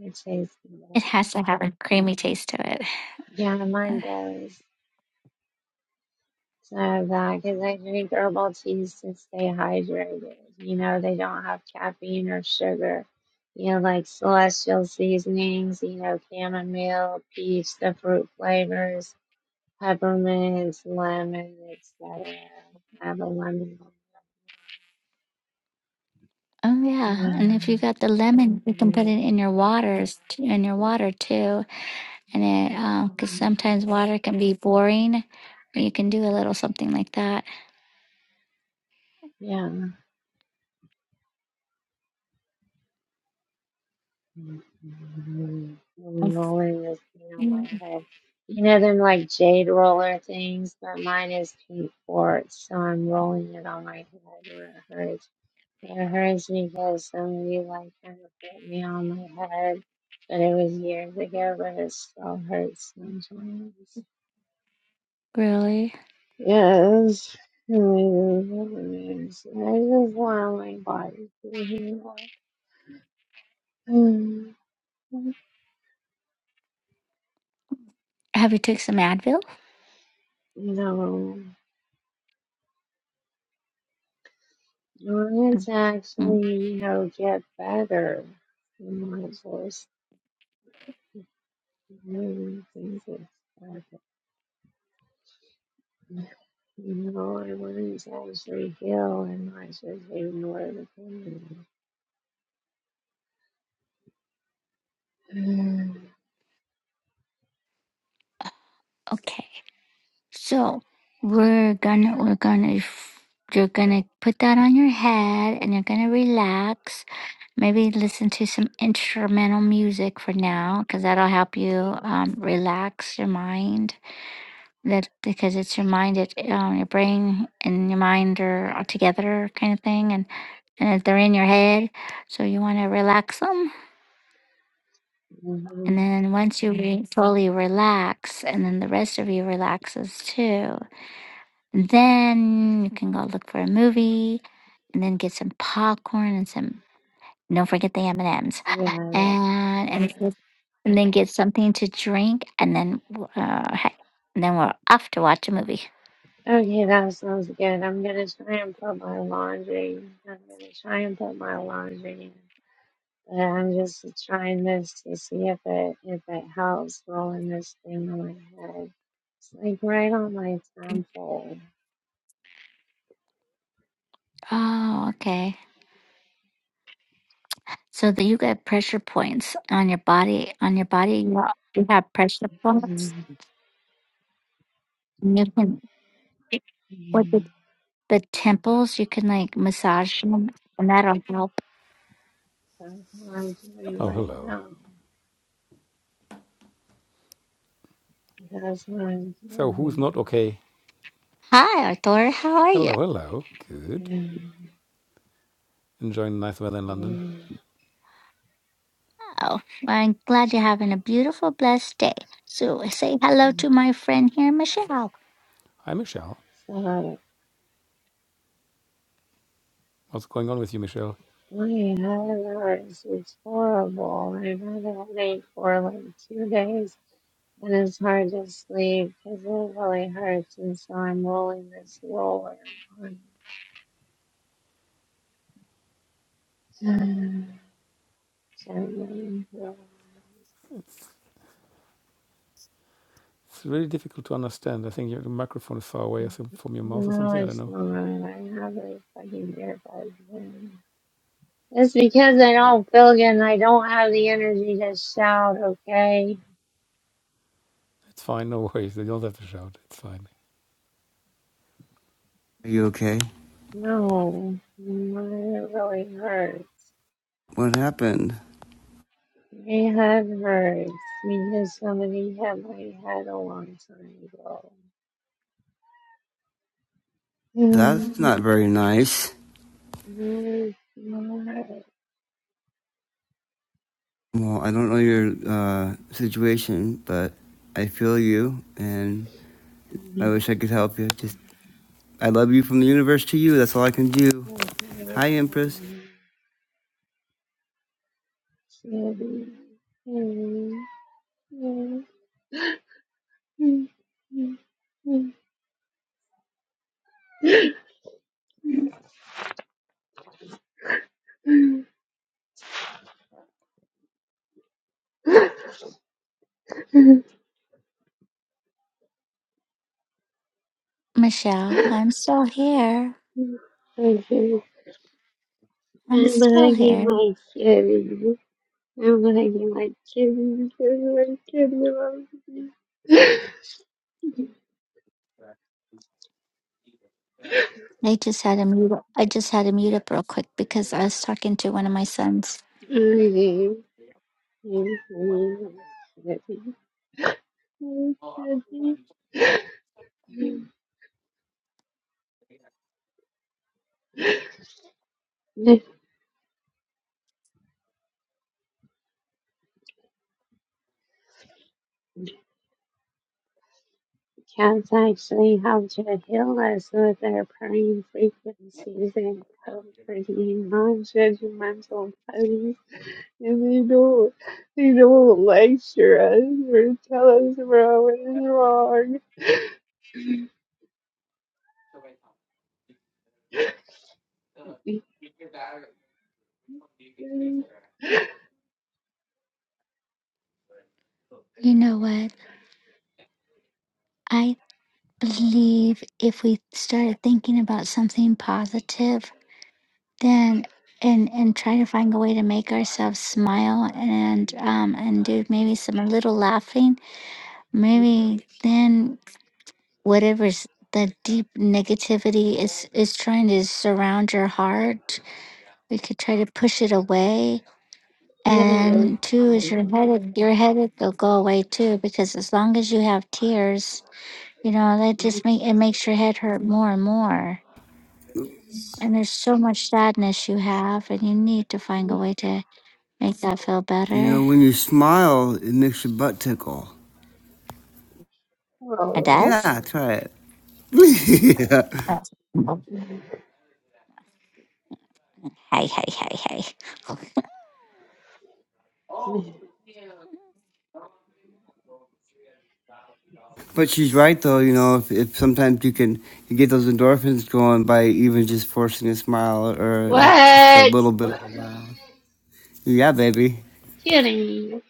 [SPEAKER 2] It tastes good.
[SPEAKER 1] It has to have a creamy taste to it.
[SPEAKER 2] Yeah, mine
[SPEAKER 1] Uh,
[SPEAKER 2] does. So that because I drink herbal teas to stay hydrated. You know, they don't have caffeine or sugar. You know, like celestial seasonings, you know, chamomile, peach, the fruit flavors, peppermint, lemon, etc. I have a lemon.
[SPEAKER 1] Oh yeah, and if you got the lemon, you can put it in your waters, in your water too, and
[SPEAKER 2] Yeah.
[SPEAKER 1] it because sometimes water can be boring. but You can do a little something like that.
[SPEAKER 2] Yeah. Mhm. I'm Rolling this thing on my
[SPEAKER 1] Mm.
[SPEAKER 2] head. You know them like jade roller things, but mine is pink quartz, so I'm rolling it on my head where it hurts. It hurts because somebody like kind of put me on my head, but it was years ago, but it still hurts sometimes.
[SPEAKER 1] Really?
[SPEAKER 2] Yes. Anyways, I just want my body to heal. You
[SPEAKER 1] Have you took some Advil?
[SPEAKER 2] know. Let's
[SPEAKER 1] Mm.
[SPEAKER 2] actually, you know, get better. You know, of course, many things that happen. You know, I wanted to actually heal and not just ignore the pain. Mm,
[SPEAKER 1] Okay. So we're gonna we're gonna you're gonna put that on your head and you're gonna relax. Maybe listen to some instrumental music for now, because that'll help you um, relax your mind. That because it's your mind, it um, your brain and your mind are all together, kind of thing, and and they're in your head. So you want to relax them And
[SPEAKER 2] Mhm.
[SPEAKER 1] then once you re- fully relax, and then the rest of you relaxes too, and then you can go look for a movie, and then get some popcorn and some. Don't forget the M and M's,
[SPEAKER 2] Yeah, yeah, I
[SPEAKER 1] and
[SPEAKER 2] got
[SPEAKER 1] and
[SPEAKER 2] that.
[SPEAKER 1] get- and then get something to drink, and then uh, heck, and then we're off to watch a movie.
[SPEAKER 2] Okay, that sounds good. I'm gonna try and put my laundry. I'm gonna try and put my laundry in. But I'm just trying this to see if it if it helps rolling this thing on my head. It's like right on my temple.
[SPEAKER 1] Oh, okay. So that you get pressure points on your body. On your body, you you have pressure points. And you can what
[SPEAKER 2] Mhm.
[SPEAKER 1] the temples. You can like massage them, and that'll help.
[SPEAKER 2] That's what I'm doing
[SPEAKER 3] Oh,
[SPEAKER 2] right
[SPEAKER 3] hello.
[SPEAKER 2] now. That's what I'm
[SPEAKER 3] So, who's
[SPEAKER 2] doing.
[SPEAKER 3] not okay?
[SPEAKER 1] Hi, Arthur. How are you?
[SPEAKER 3] Hello, hello. Good. Enjoying the nice weather in London.
[SPEAKER 1] Oh, well, I'm glad you're having a beautiful, blessed day. So say hello
[SPEAKER 2] Mhm.
[SPEAKER 1] to my friend here, Michelle.
[SPEAKER 3] Hi, Michelle.
[SPEAKER 2] So
[SPEAKER 3] What's going on with you, Michelle?
[SPEAKER 2] my head hurts. It's horrible. I've had a headache for like two days, and it's hard to sleep because it really hurts. And so I'm rolling this roller. on Um, Seven.
[SPEAKER 3] It's really difficult to understand. I think your microphone is far away from your mouth or
[SPEAKER 2] No,
[SPEAKER 3] something. I don't
[SPEAKER 2] it's
[SPEAKER 3] know.
[SPEAKER 2] not. I have a fucking earbud. in. That's because I don't feel good and I don't have the energy to shout, okay?
[SPEAKER 3] It's fine. No worries. You don't have to shout. It's fine.
[SPEAKER 4] Are you okay?
[SPEAKER 2] No, my head really hurts.
[SPEAKER 4] What happened?
[SPEAKER 2] My head hurts because somebody hit my head a long time ago. Mm,
[SPEAKER 4] That's not very nice.
[SPEAKER 2] my- my-
[SPEAKER 4] Well, I don't know your uh, situation, but I feel you, and I wish I could help you. Just, I love you from the universe to you. That's all I can do.
[SPEAKER 2] Okay,
[SPEAKER 4] Hi, Empress.
[SPEAKER 2] okay. Shitty. Mm, mm, mm, mm.
[SPEAKER 1] Michelle, I'm still here.
[SPEAKER 2] Okay.
[SPEAKER 1] I'm
[SPEAKER 2] I'm
[SPEAKER 1] still
[SPEAKER 2] hugging
[SPEAKER 1] here.
[SPEAKER 2] my kitty. I'm hugging my kitty. I'm My kitty loves me.
[SPEAKER 1] I just had to mute. Up. I just had to mute up real quick because I was talking to one of my sons.
[SPEAKER 2] I'm hugging my kitty. My kitty. The cats actually help to heal us with their purring frequencies and comforting non-judgmental And they don't, they don't lecture us or tell us about what is wrong.
[SPEAKER 1] You know what? I believe if we started thinking about something positive Then and and try to find a way to make ourselves smile and um and do maybe some a little laughing maybe then whatever's the deep negativity is is trying to surround your heart we could try to push it away and two is your headache your headache will go away too because as long as you have tears you know that just make it makes your head hurt more and more and there's so much sadness you have and you need to find a way to Make that feel
[SPEAKER 4] You know,
[SPEAKER 1] better.
[SPEAKER 4] when you smile, it makes your butt tickle.
[SPEAKER 1] It does?
[SPEAKER 4] Yeah, try it. yeah.
[SPEAKER 1] Oh. Hey, hey, hey, hey.
[SPEAKER 4] But she's right, though. You know, if, if sometimes you can you get those endorphins going by even just forcing a smile or like just a
[SPEAKER 2] What?
[SPEAKER 4] little bit. Yeah, baby.
[SPEAKER 2] Kidding.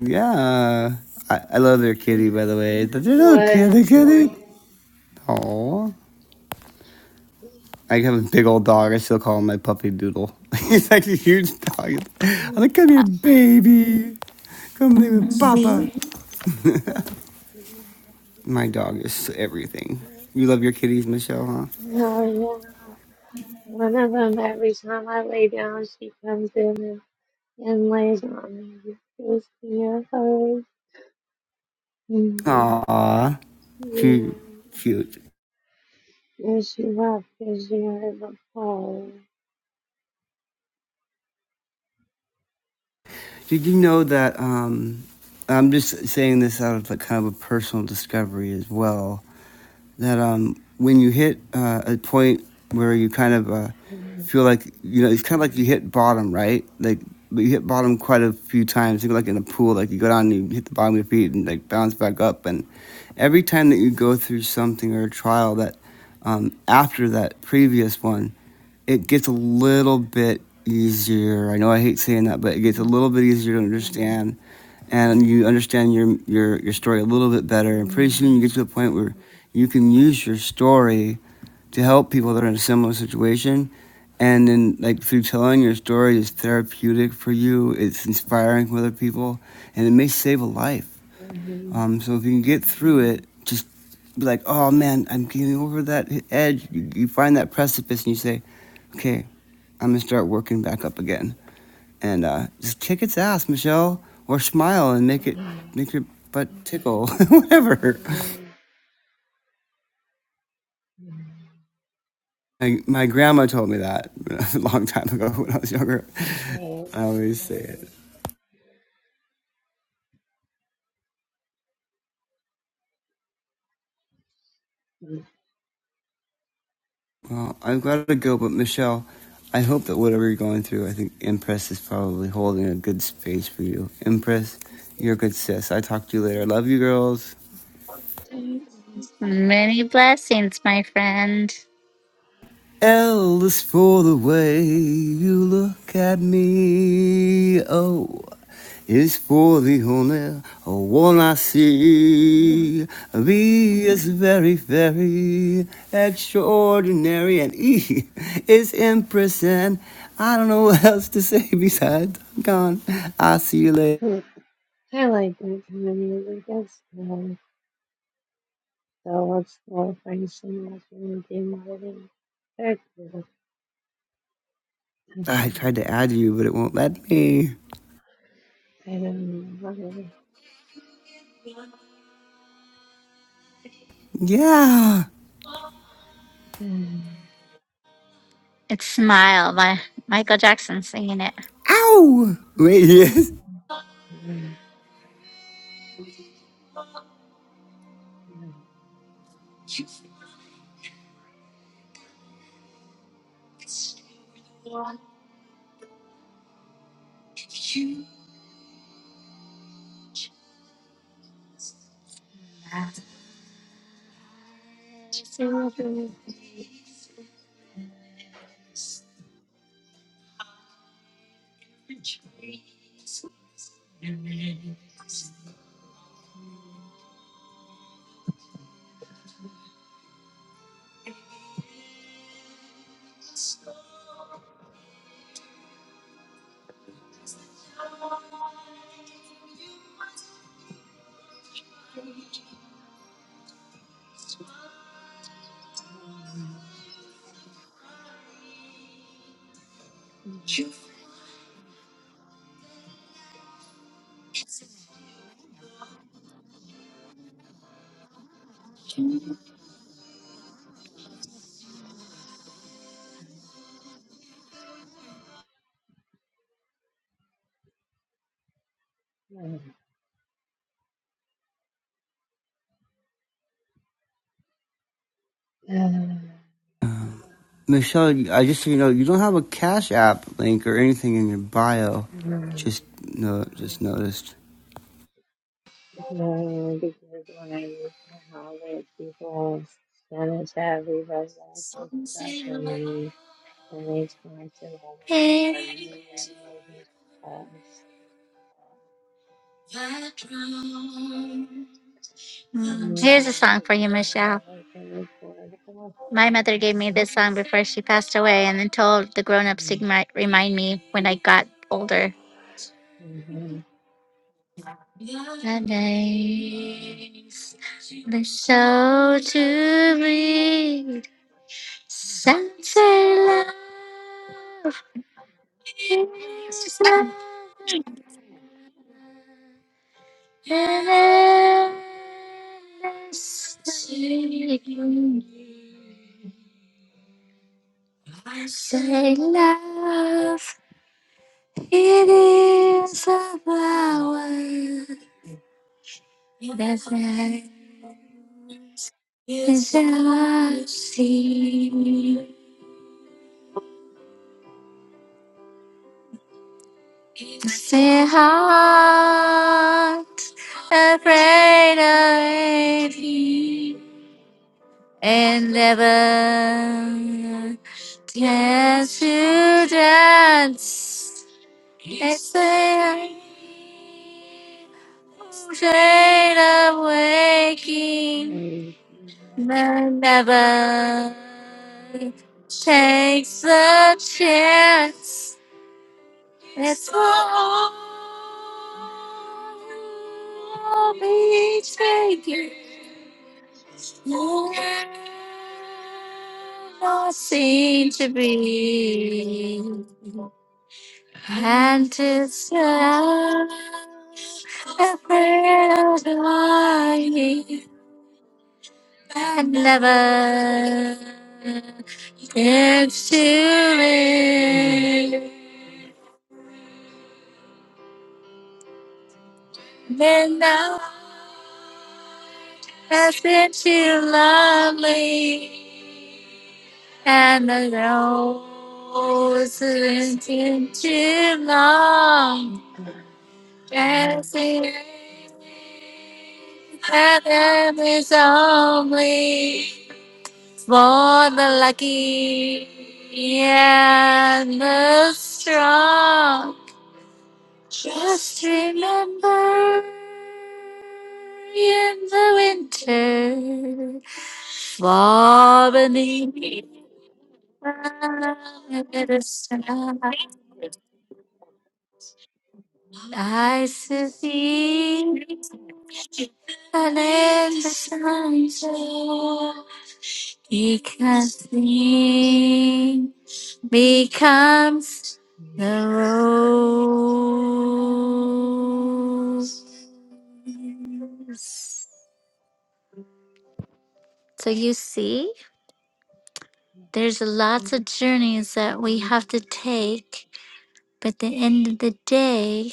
[SPEAKER 4] Yeah. I, I love their kitty, by the way. Did you know
[SPEAKER 2] What?
[SPEAKER 4] kitty, kitty? Aw. I have a big old dog. I still call him my puppy Doodle. He's like a huge dog. I'm
[SPEAKER 2] Oh,
[SPEAKER 4] like, come here, baby. Come live
[SPEAKER 1] Mm,
[SPEAKER 4] with
[SPEAKER 1] See?
[SPEAKER 4] Papa. My dog is everything. You love your kitties, Michelle,
[SPEAKER 2] yeah. One of them, every time I lay down, she comes in and, and lays on me. Just Gives me a hug.
[SPEAKER 4] huh? Aw. She
[SPEAKER 2] Mm,
[SPEAKER 4] cute.
[SPEAKER 2] Yes, you have, yes, you have the power.
[SPEAKER 4] Did you know that um I'm just saying this out of like kind of a personal discovery as well. that um, when you hit uh, a point where you kind of uh,
[SPEAKER 2] Mm,
[SPEAKER 4] feel like you know it's kind of like you hit bottom, right? Like but you hit bottom quite a few times. Think like in a pool, like you go down and you hit the bottom of your feet and like bounce back up. And every time that you go through something or a trial that um, after that previous one, it gets a little bit easier. I know I hate saying that, but it gets a
[SPEAKER 2] mm,
[SPEAKER 4] little bit easier to
[SPEAKER 2] mm,
[SPEAKER 4] understand, and you understand your your your story a little bit better. And pretty soon
[SPEAKER 2] mm,
[SPEAKER 4] you get to a point where you can use your story to help people that are in a similar situation. And then, like through telling your story, is therapeutic for you. It's inspiring for other people, and it may save a life.
[SPEAKER 2] mm,
[SPEAKER 4] Um, so if you can get through it, just be like, oh man, I'm getting over that edge. You, you find that precipice and you say, okay, I'm gonna start working back up again. And uh, just kick its ass, Michelle, or smile and make it
[SPEAKER 2] mm,
[SPEAKER 4] make your butt tickle, whatever. My, my grandma told me that a long time ago when I was younger.
[SPEAKER 2] mm,
[SPEAKER 4] I always say it.
[SPEAKER 2] mm.
[SPEAKER 4] Well, I'm glad to go, but Michelle, I hope that whatever you're going through, I think Impress is probably holding a good space for you. Impress, you're a good sis. I talk to you later. I love you, girls.
[SPEAKER 2] Thanks.
[SPEAKER 1] Many blessings, my friend.
[SPEAKER 4] L is for the way you look at me. Oh. is for the only one I see. V is very, very extraordinary, and E is Empress, and I don't know what else to say besides I'm gone. I'll see you later.
[SPEAKER 2] Mm, I like that kind of music. That's cool. So let's go find some else and do more than that. I
[SPEAKER 4] I tried to add you, but it won't let me.
[SPEAKER 2] don't know.
[SPEAKER 4] Yeah.
[SPEAKER 2] Mm,
[SPEAKER 1] It's Smile by Michael Jackson singing it.
[SPEAKER 4] Ow! Wait, yes.
[SPEAKER 2] mm, mm, mm,
[SPEAKER 4] Michelle, I just so you know, you don't have a Cash App link or anything in your bio.
[SPEAKER 2] mm.
[SPEAKER 4] Just no, just noticed.
[SPEAKER 2] No, because when I use my wallet, people send it to everybody else except for me, and they charge it all in
[SPEAKER 1] Mm.
[SPEAKER 2] for me and movies pass.
[SPEAKER 1] Here's a song for you, Michelle. My mother gave me this song before she passed away and then told the grown ups to remi- remind me when I got older. The name is so to read, center love. Say love, it is a power that rises up the heart, afraid of it, and never dare to dance. Yesterday, afraid of waking but never takes the chance it's for all be taken not seem to be and it's love, a prayer dying and never gets to it. Midnight has been too lovely, and the rose has been too long. As it is, heaven is only for the lucky and the strong. Just remember in the winter, for beneath the sun. Nice to see and in the sunshine because he becomes the rose. So you see, there's lots of journeys that we have to take, but at the end of the day,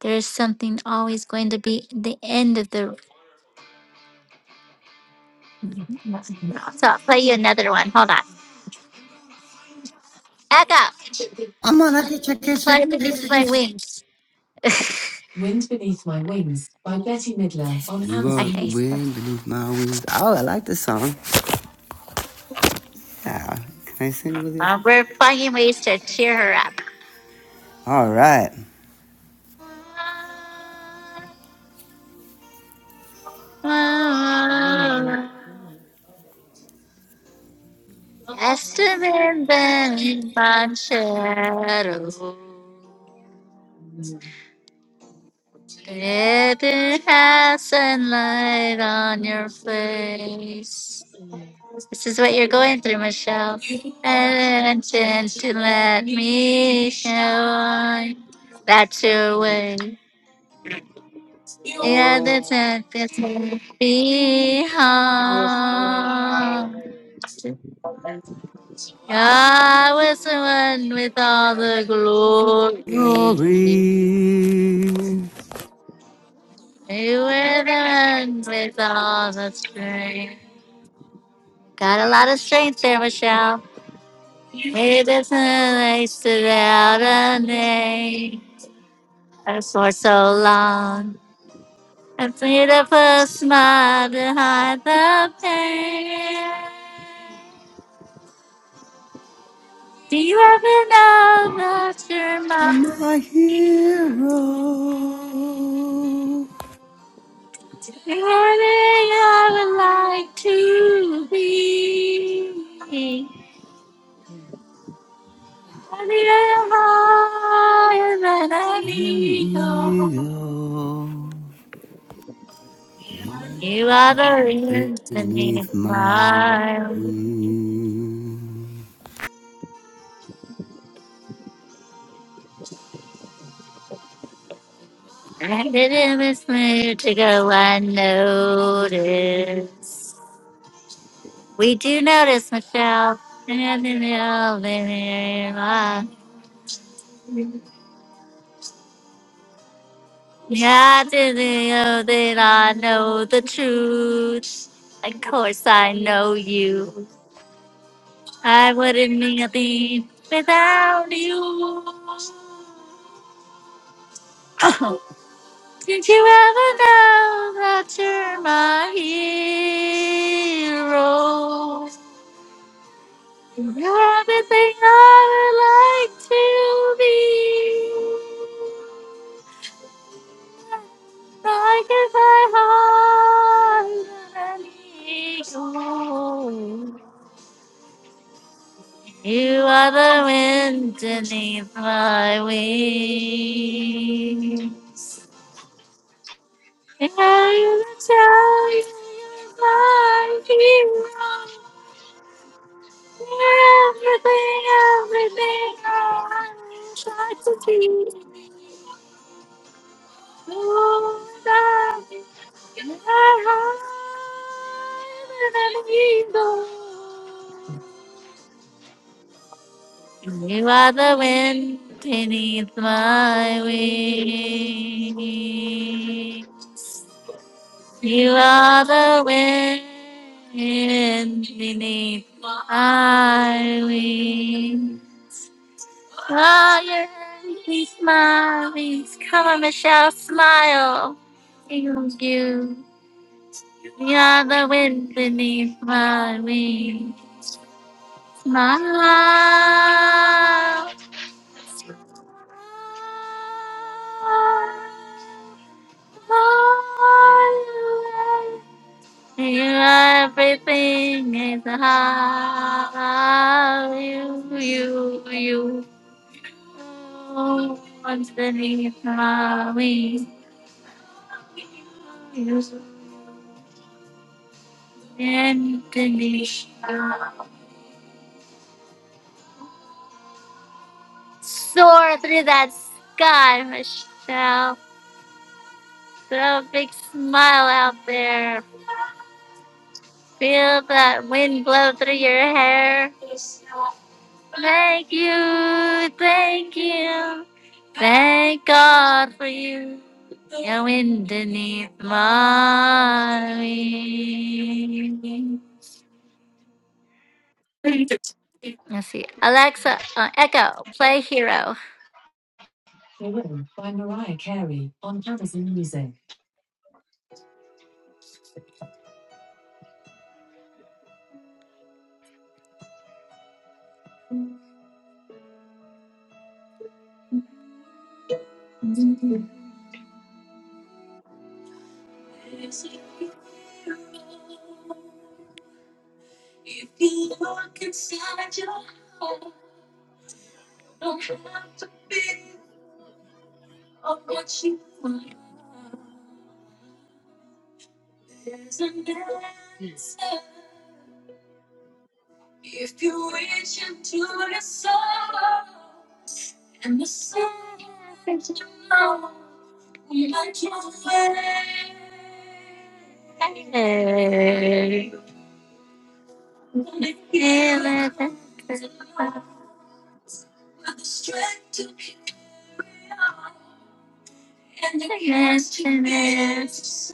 [SPEAKER 1] there's something always going to be the end of the So I'll play you another one. Hold on. Echo,
[SPEAKER 4] I'm on that kitchen, kitchen,
[SPEAKER 1] play beneath
[SPEAKER 4] kitchen,
[SPEAKER 1] my wings. Wind Beneath My Wings by Betty Midler on
[SPEAKER 4] You
[SPEAKER 1] Amazon
[SPEAKER 4] gonna
[SPEAKER 1] okay. Music.
[SPEAKER 4] win, but if Oh, I like this song. Yeah. Can I sing with you?
[SPEAKER 1] Uh, we're finding ways to cheer her up.
[SPEAKER 4] All right.
[SPEAKER 1] Just a ribbon on shadow.
[SPEAKER 2] Mm-hmm.
[SPEAKER 1] Ribbon has a light on your face.
[SPEAKER 2] Oh,
[SPEAKER 1] This is what you're going through, Michelle. And to let me show that your way. Yeah, that's it. That's it. Be
[SPEAKER 2] yes, in
[SPEAKER 1] home.
[SPEAKER 2] Raleigh,
[SPEAKER 1] I was the one with all the glory.
[SPEAKER 4] Glory,
[SPEAKER 1] You were the one with all the strength. Got a lot of strength there, Michelle. Maybe it's a nice to out a name. And for so long, I pleaded for a smile to hide the pain. Do you ever know that you're
[SPEAKER 4] to
[SPEAKER 1] mine?
[SPEAKER 4] my hero,
[SPEAKER 1] Anything I would like to be. I need you higher than an
[SPEAKER 4] the
[SPEAKER 1] eagle.
[SPEAKER 4] eagle
[SPEAKER 1] You are the reason
[SPEAKER 4] beneath
[SPEAKER 1] to
[SPEAKER 4] my
[SPEAKER 1] my mine.
[SPEAKER 4] wings.
[SPEAKER 1] I didn't miss move to go unnoticed. We do notice, Michelle. And in the oven, uh, Yeah, didn't know that I know the truth. Of course, I know you. I wouldn't be a thing without you. Did you ever know that you're my hero? Everything I would like to be, like if I had an eagle. You are the wind beneath my wings. And I will tell you you're my hero. You're Everything, everything I would like to be. You are the wind beneath my wings. You are the wind beneath my wings. Fire your happy smiling. Come on, Michelle, smile. Thank you. You are the wind beneath my wings. Smile. You are everything is how you, you, you. Oh, Underneath my wings. You, underneath my soar through that sky, Michelle. Throw a big smile out there. Feel that wind blow through your hair. Thank you, thank you, thank God for you. Your wind beneath my wings. Let's see. Alexa, uh, Echo, play Hero. Hero By Mariah Carey on Amazon Music. and the mischievous.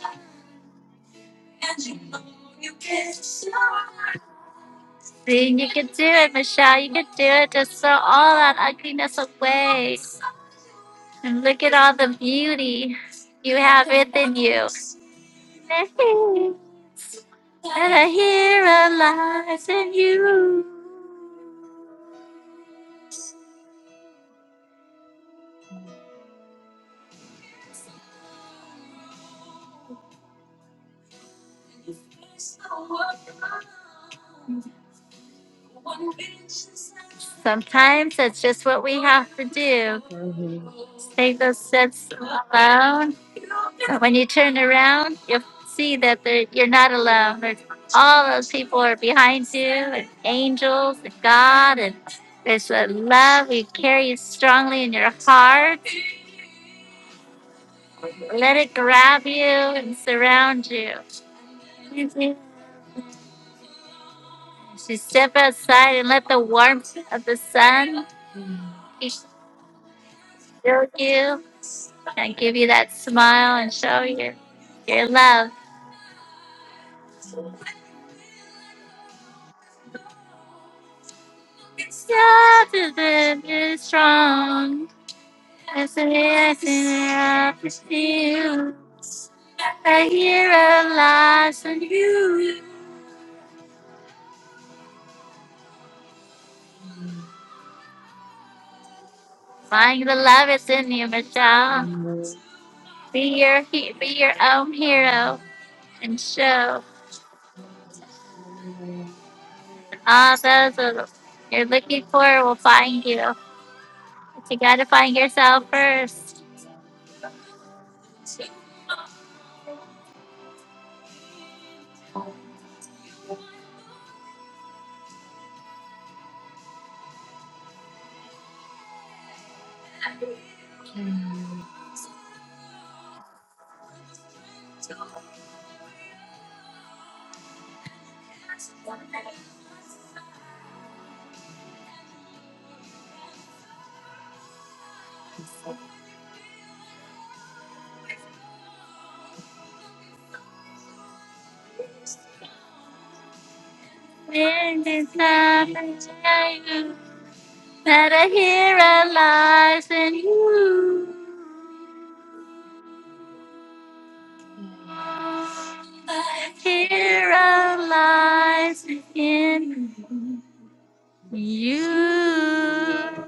[SPEAKER 1] See, you can do it, Michelle. You can do it. Just throw all that ugliness away and look at all the beauty you have within you. And the hero lies in you. Sometimes that's just what we have to do. Take those steps alone. So when you turn around, you'll see that there- you're not alone. There's all those people are behind you, and angels, and God, and there's a love you carry strongly in your heart. Let it grab you and surround you. You step outside and let the warmth of the sun fill you and give you that smile and show you your love. Stronger than is strong. As an answer for you. I hear a lies on you. Find the love is in you, Michelle. Be your he- be your own hero and show all those that you're looking for will find you. But you gotta find yourself first. When there's nothing in you, that a hero lies in you. Hero lies in you.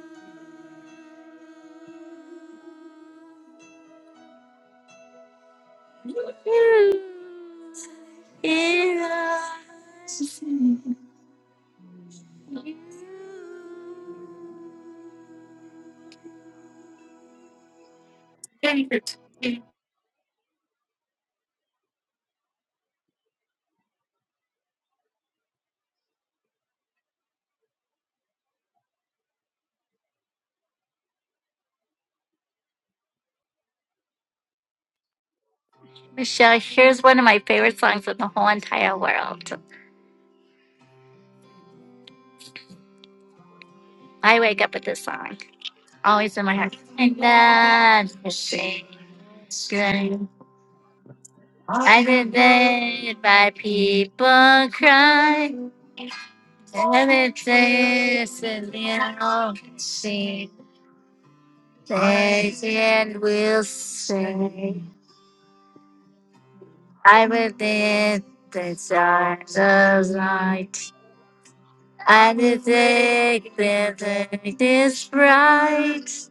[SPEAKER 1] Michelle, here's one of my favorite songs in the whole entire world. I wake up with this song, always in my heart. And that's the thing. Good. I did it by people cry. And it is in the ocean. They and will sing. I within the stars of light. I detect the light is bright.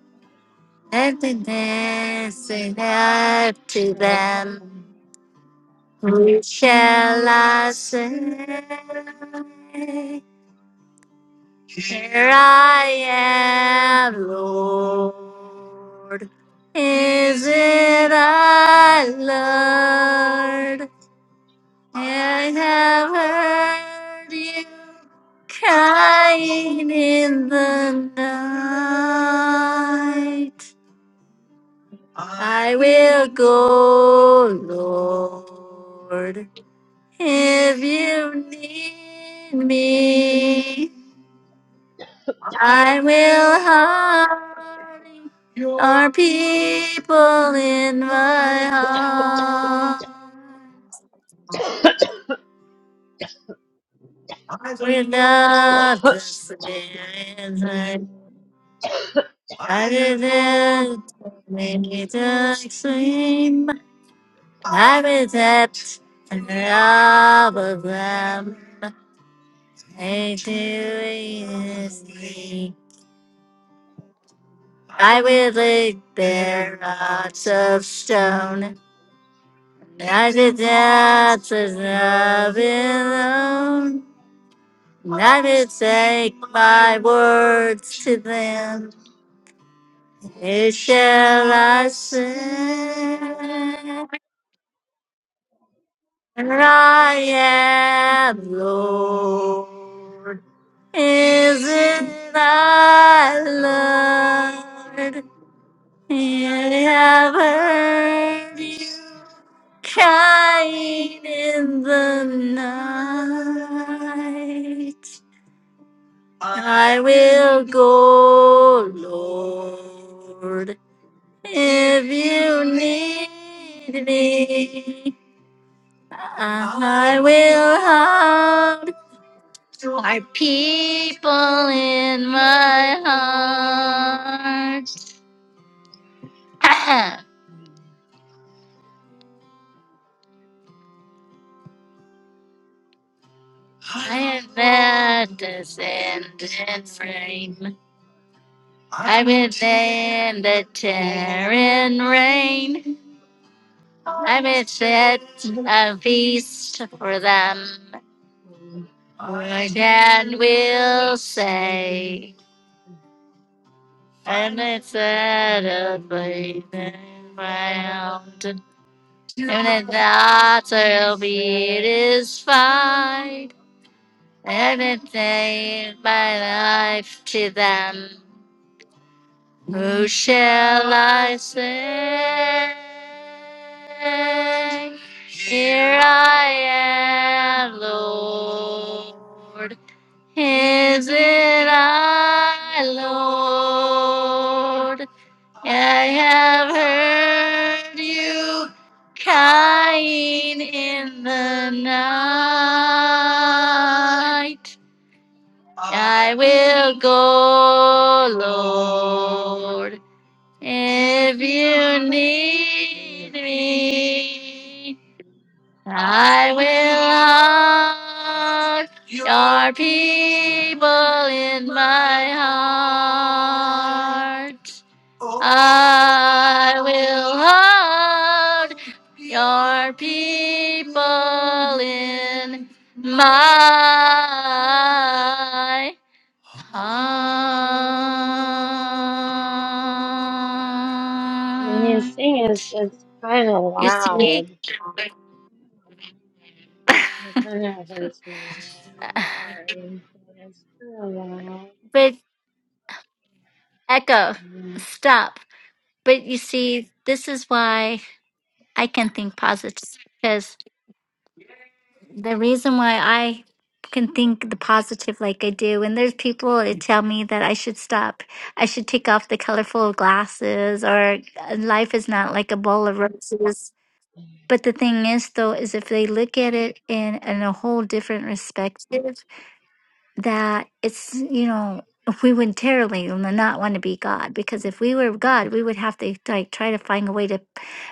[SPEAKER 1] Happiness in up to them. We shall I say, Here I am, Lord. Is it I, Lord? I have heard you Crying in the night, I will go, Lord. If you need me, I will hide our people in my heart. As the depths of love Never take my words to them. It shall I sing. And I am Lord. Isn't I Lord? I have heard you crying in the night. I will go, Lord, if you need me. I will hide my people in my heart. I am at the sand and frame. I'm in the tearing rain. I'm set a feast for them. Again we'll say, and it's a place round, and it not will be, it is fine, and it ain't my life to them. Who shall I say? Here I am, Lord. Is it I, Lord? I have heard you crying in the night. I will go, Lord, if you
[SPEAKER 2] Thank you.
[SPEAKER 1] need me. I will hug your people in my heart. I will hug your people in my
[SPEAKER 2] When you
[SPEAKER 1] heart.
[SPEAKER 2] sing, it's, it's kind of
[SPEAKER 1] You see,
[SPEAKER 2] loud. It kind of hurts my neck. I'm sorry, but it's kind of loud.
[SPEAKER 1] big echo.
[SPEAKER 2] Um,
[SPEAKER 1] Stop. But you see, this is why I can think positive because the reason why I can think the positive like I do, and there's people that tell me that I should stop, I should take off the colorful glasses, or uh, life is not like a bowl of roses. But the thing is, though, is if they look at it in, in a whole different perspective, that it's you know we would terribly not want to be God because if we were God, we would have to like try to find a way to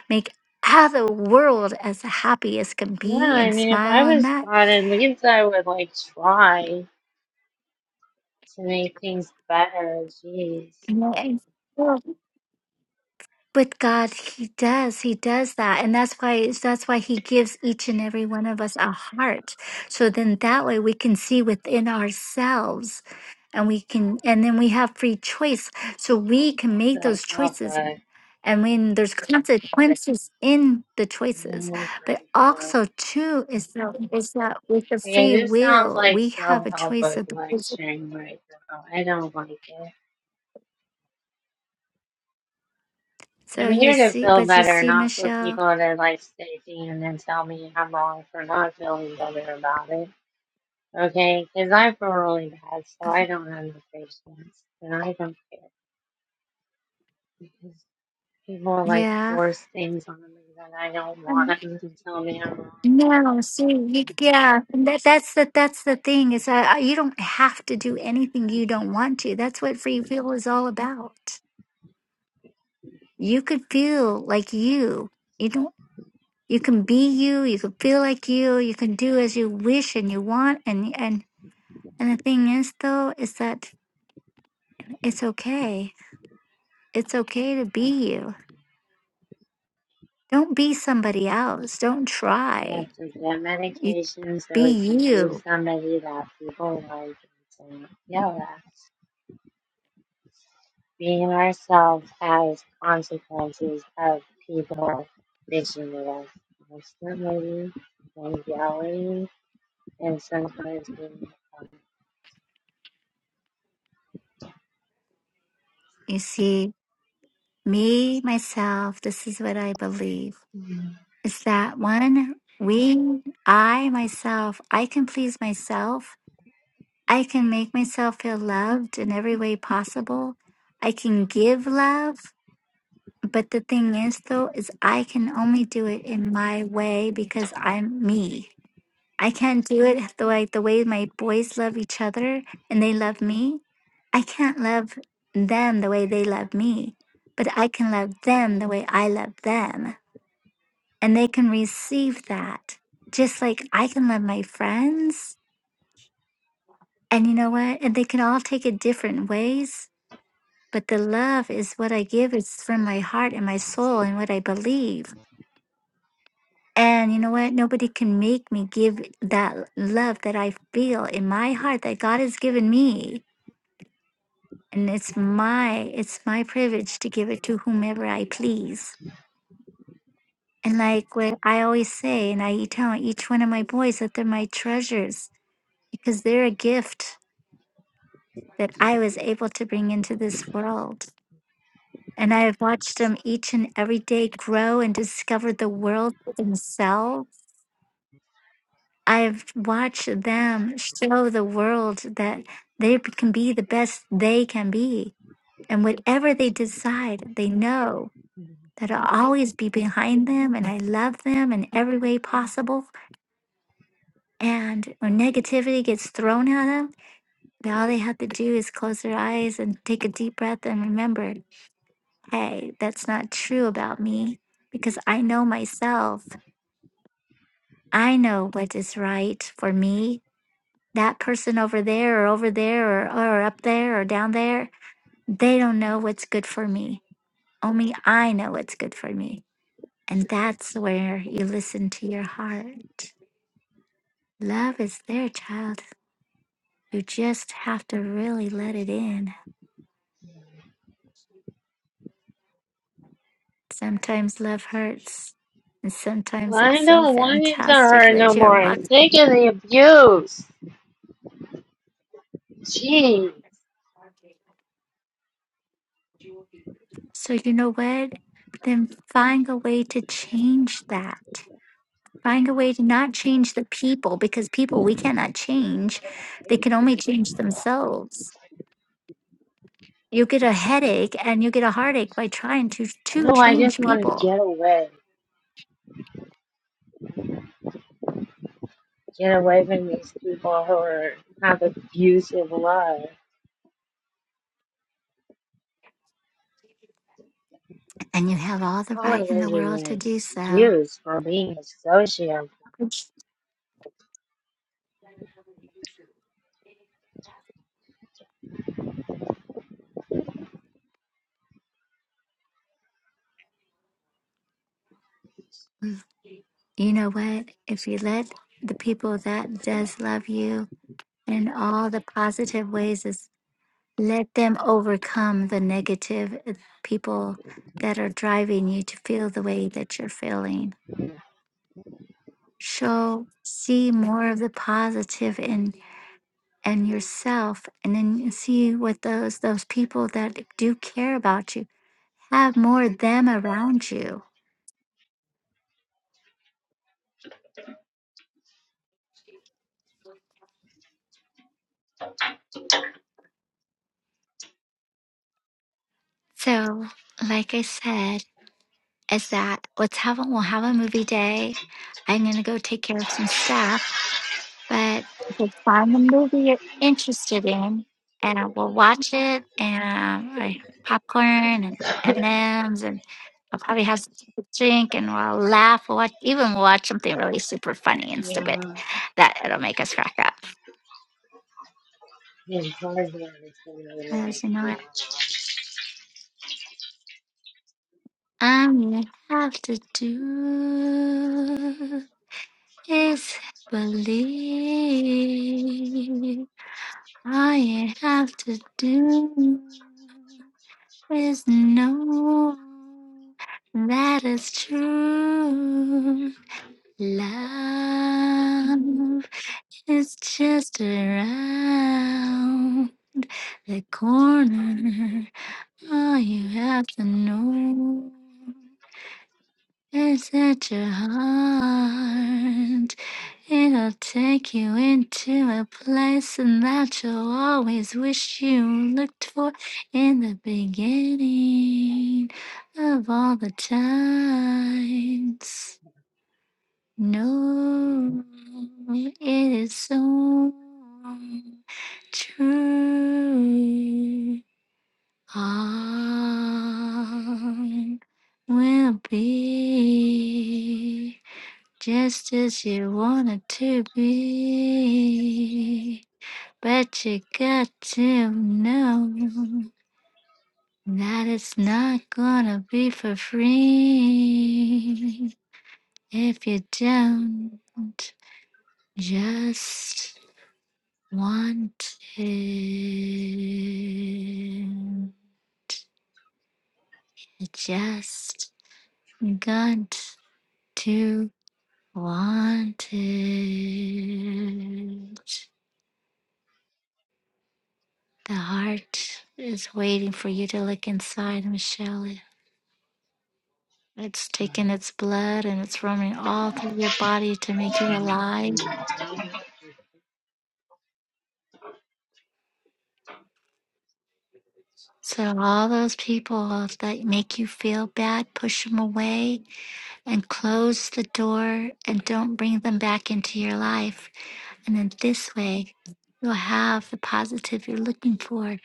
[SPEAKER 1] make how the world as happy as can
[SPEAKER 2] yeah,
[SPEAKER 1] be
[SPEAKER 2] I
[SPEAKER 1] and
[SPEAKER 2] mean, if I
[SPEAKER 1] smile and
[SPEAKER 2] was
[SPEAKER 1] that.
[SPEAKER 2] God in leads, I would like try to make things better. Jeez,
[SPEAKER 1] Yeah. And well, With God, He does. He does that, and that's why that's why He gives each and every one of us a heart. So then that way we can see within ourselves, and we can, and then we have free choice. So we can make those
[SPEAKER 2] self help
[SPEAKER 1] choices
[SPEAKER 2] book.
[SPEAKER 1] And when there's consequences in the
[SPEAKER 2] Oh
[SPEAKER 1] choices,
[SPEAKER 2] my
[SPEAKER 1] but
[SPEAKER 2] God.
[SPEAKER 1] also too is that is that with the
[SPEAKER 2] Okay,
[SPEAKER 1] free
[SPEAKER 2] this sounds
[SPEAKER 1] will
[SPEAKER 2] like
[SPEAKER 1] we have a
[SPEAKER 2] self help
[SPEAKER 1] choice
[SPEAKER 2] book
[SPEAKER 1] of.
[SPEAKER 2] lecturing right now. I don't like it.
[SPEAKER 1] So
[SPEAKER 2] I'm
[SPEAKER 1] you
[SPEAKER 2] here to
[SPEAKER 1] see,
[SPEAKER 2] feel
[SPEAKER 1] but you
[SPEAKER 2] better,
[SPEAKER 1] see,
[SPEAKER 2] not for
[SPEAKER 1] Michelle,
[SPEAKER 2] people to like stick to and then tell me I'm wrong for not feeling better about it. Okay, because I feel really bad, so I don't have the patience, and I don't care because people like
[SPEAKER 1] yeah.
[SPEAKER 2] force things on me that I don't want
[SPEAKER 1] Um,
[SPEAKER 2] them to tell me I'm wrong for
[SPEAKER 1] No,
[SPEAKER 2] not
[SPEAKER 1] see,
[SPEAKER 2] like.
[SPEAKER 1] you, yeah, and that, that's the that's the thing is uh, you don't have to do anything you don't want to. That's what free will is all about. You could feel like you. You don't. You can be you. You can feel like you. You can do as you wish and you want, and and And the thing is, though, is that it's okay. It's okay to be you. Don't be somebody else. Don't
[SPEAKER 2] We
[SPEAKER 1] try.
[SPEAKER 2] have to get
[SPEAKER 1] You
[SPEAKER 2] medication so we
[SPEAKER 1] be
[SPEAKER 2] can do
[SPEAKER 1] you.
[SPEAKER 2] somebody that people like and yell at. Being ourselves has consequences of people mixing with us constantly and yelling and sometimes being
[SPEAKER 1] You see, me, myself, this is what I believe. Is that one, we, I, myself, I can please myself. I can make myself feel loved in every way possible. I can give love. But the thing is, though, is I can only do it in my way because I'm me. I can't do it the way the way my boys love each other and they love me. I can't love them the way they love me, but I can love them the way I love them, and they can receive that. Just like I can love my friends, and you know what? And they can all take it different ways, but the love is what I give. It's from my heart and my soul and what I believe. And you know what? Nobody can make me give that love that I feel in my heart that God has given me and it's my it's my privilege to give it to whomever I please. And like what I always say, and I e-, tell each one of my boys that they're my treasures because they're a gift that I was able to bring into this world. And I have watched them each and every day grow and discover the world for themselves. I've watched them show the world that they b- can be the best they can be. And whatever they decide, they know that'll always be behind them and I love them in every way possible. And when negativity gets thrown at them, they- all they have to do is close their eyes and take a deep breath and remember, hey, that's not true about me because I know myself. I know what is right for me. That person over there or over there or, or up there or down there, they don't know what's good for me. Only I know what's good for me. And that's where you listen to your heart. Love is there, child. You just have to really let it in. Sometimes love hurts, and sometimes it's
[SPEAKER 2] I
[SPEAKER 1] so
[SPEAKER 2] don't want it to
[SPEAKER 1] fantastic
[SPEAKER 2] hurt no
[SPEAKER 1] that you're
[SPEAKER 2] more. I'm
[SPEAKER 1] walking.
[SPEAKER 2] sick of the abuse. Jeez.
[SPEAKER 1] So, you know what? Then find a way to change that. Find a way to not change the people because people we cannot change, they can only change themselves. You get a headache and you get a heartache by trying to, to
[SPEAKER 2] No, I just
[SPEAKER 1] change
[SPEAKER 2] want to
[SPEAKER 1] people,
[SPEAKER 2] get away. Get away from these people who are have abusive love.
[SPEAKER 1] and you have all the
[SPEAKER 2] All
[SPEAKER 1] right
[SPEAKER 2] it
[SPEAKER 1] in
[SPEAKER 2] is
[SPEAKER 1] the
[SPEAKER 2] is
[SPEAKER 1] world
[SPEAKER 2] an
[SPEAKER 1] to do so.
[SPEAKER 2] excuse for being a sociopath.
[SPEAKER 1] You know what? If you let the people that does love you in all the positive ways is let them overcome the negative uh, people that are driving you to feel the way that you're feeling. Show see more of the positive in and yourself and then you see what those those people that do care about you have more of them around you. So like I said, is that let's have a we'll have a movie day. I'm gonna go take care of some stuff, but just find the movie you're interested in, and we'll watch it. And I have popcorn and M and M's, and I'll probably have something to drink, and we'll laugh. We'll watch even we'll watch something really super funny and stupid
[SPEAKER 2] Yeah.
[SPEAKER 1] that it'll make us crack up.
[SPEAKER 2] His hard is going to
[SPEAKER 1] Because you know
[SPEAKER 2] be
[SPEAKER 1] what I'm gonna have to do is believe. I have to do is know that is true. Love is just around the corner. All you have to do is set your heart. It'll take you into a that you'll always wish you looked for in the beginning of all the times. No, it is so true. All will be just as you want it to be. But you got to know that it's not gonna be for free if you don't just want it. You just got to want it. The heart is waiting for you to look inside, Michelle. It's taken its blood and it's roaming all through your body to make you alive. So, all those people that make you feel bad, push them away and close the door and don't bring them back into your life. And in this way, you'll have the positive you're looking for.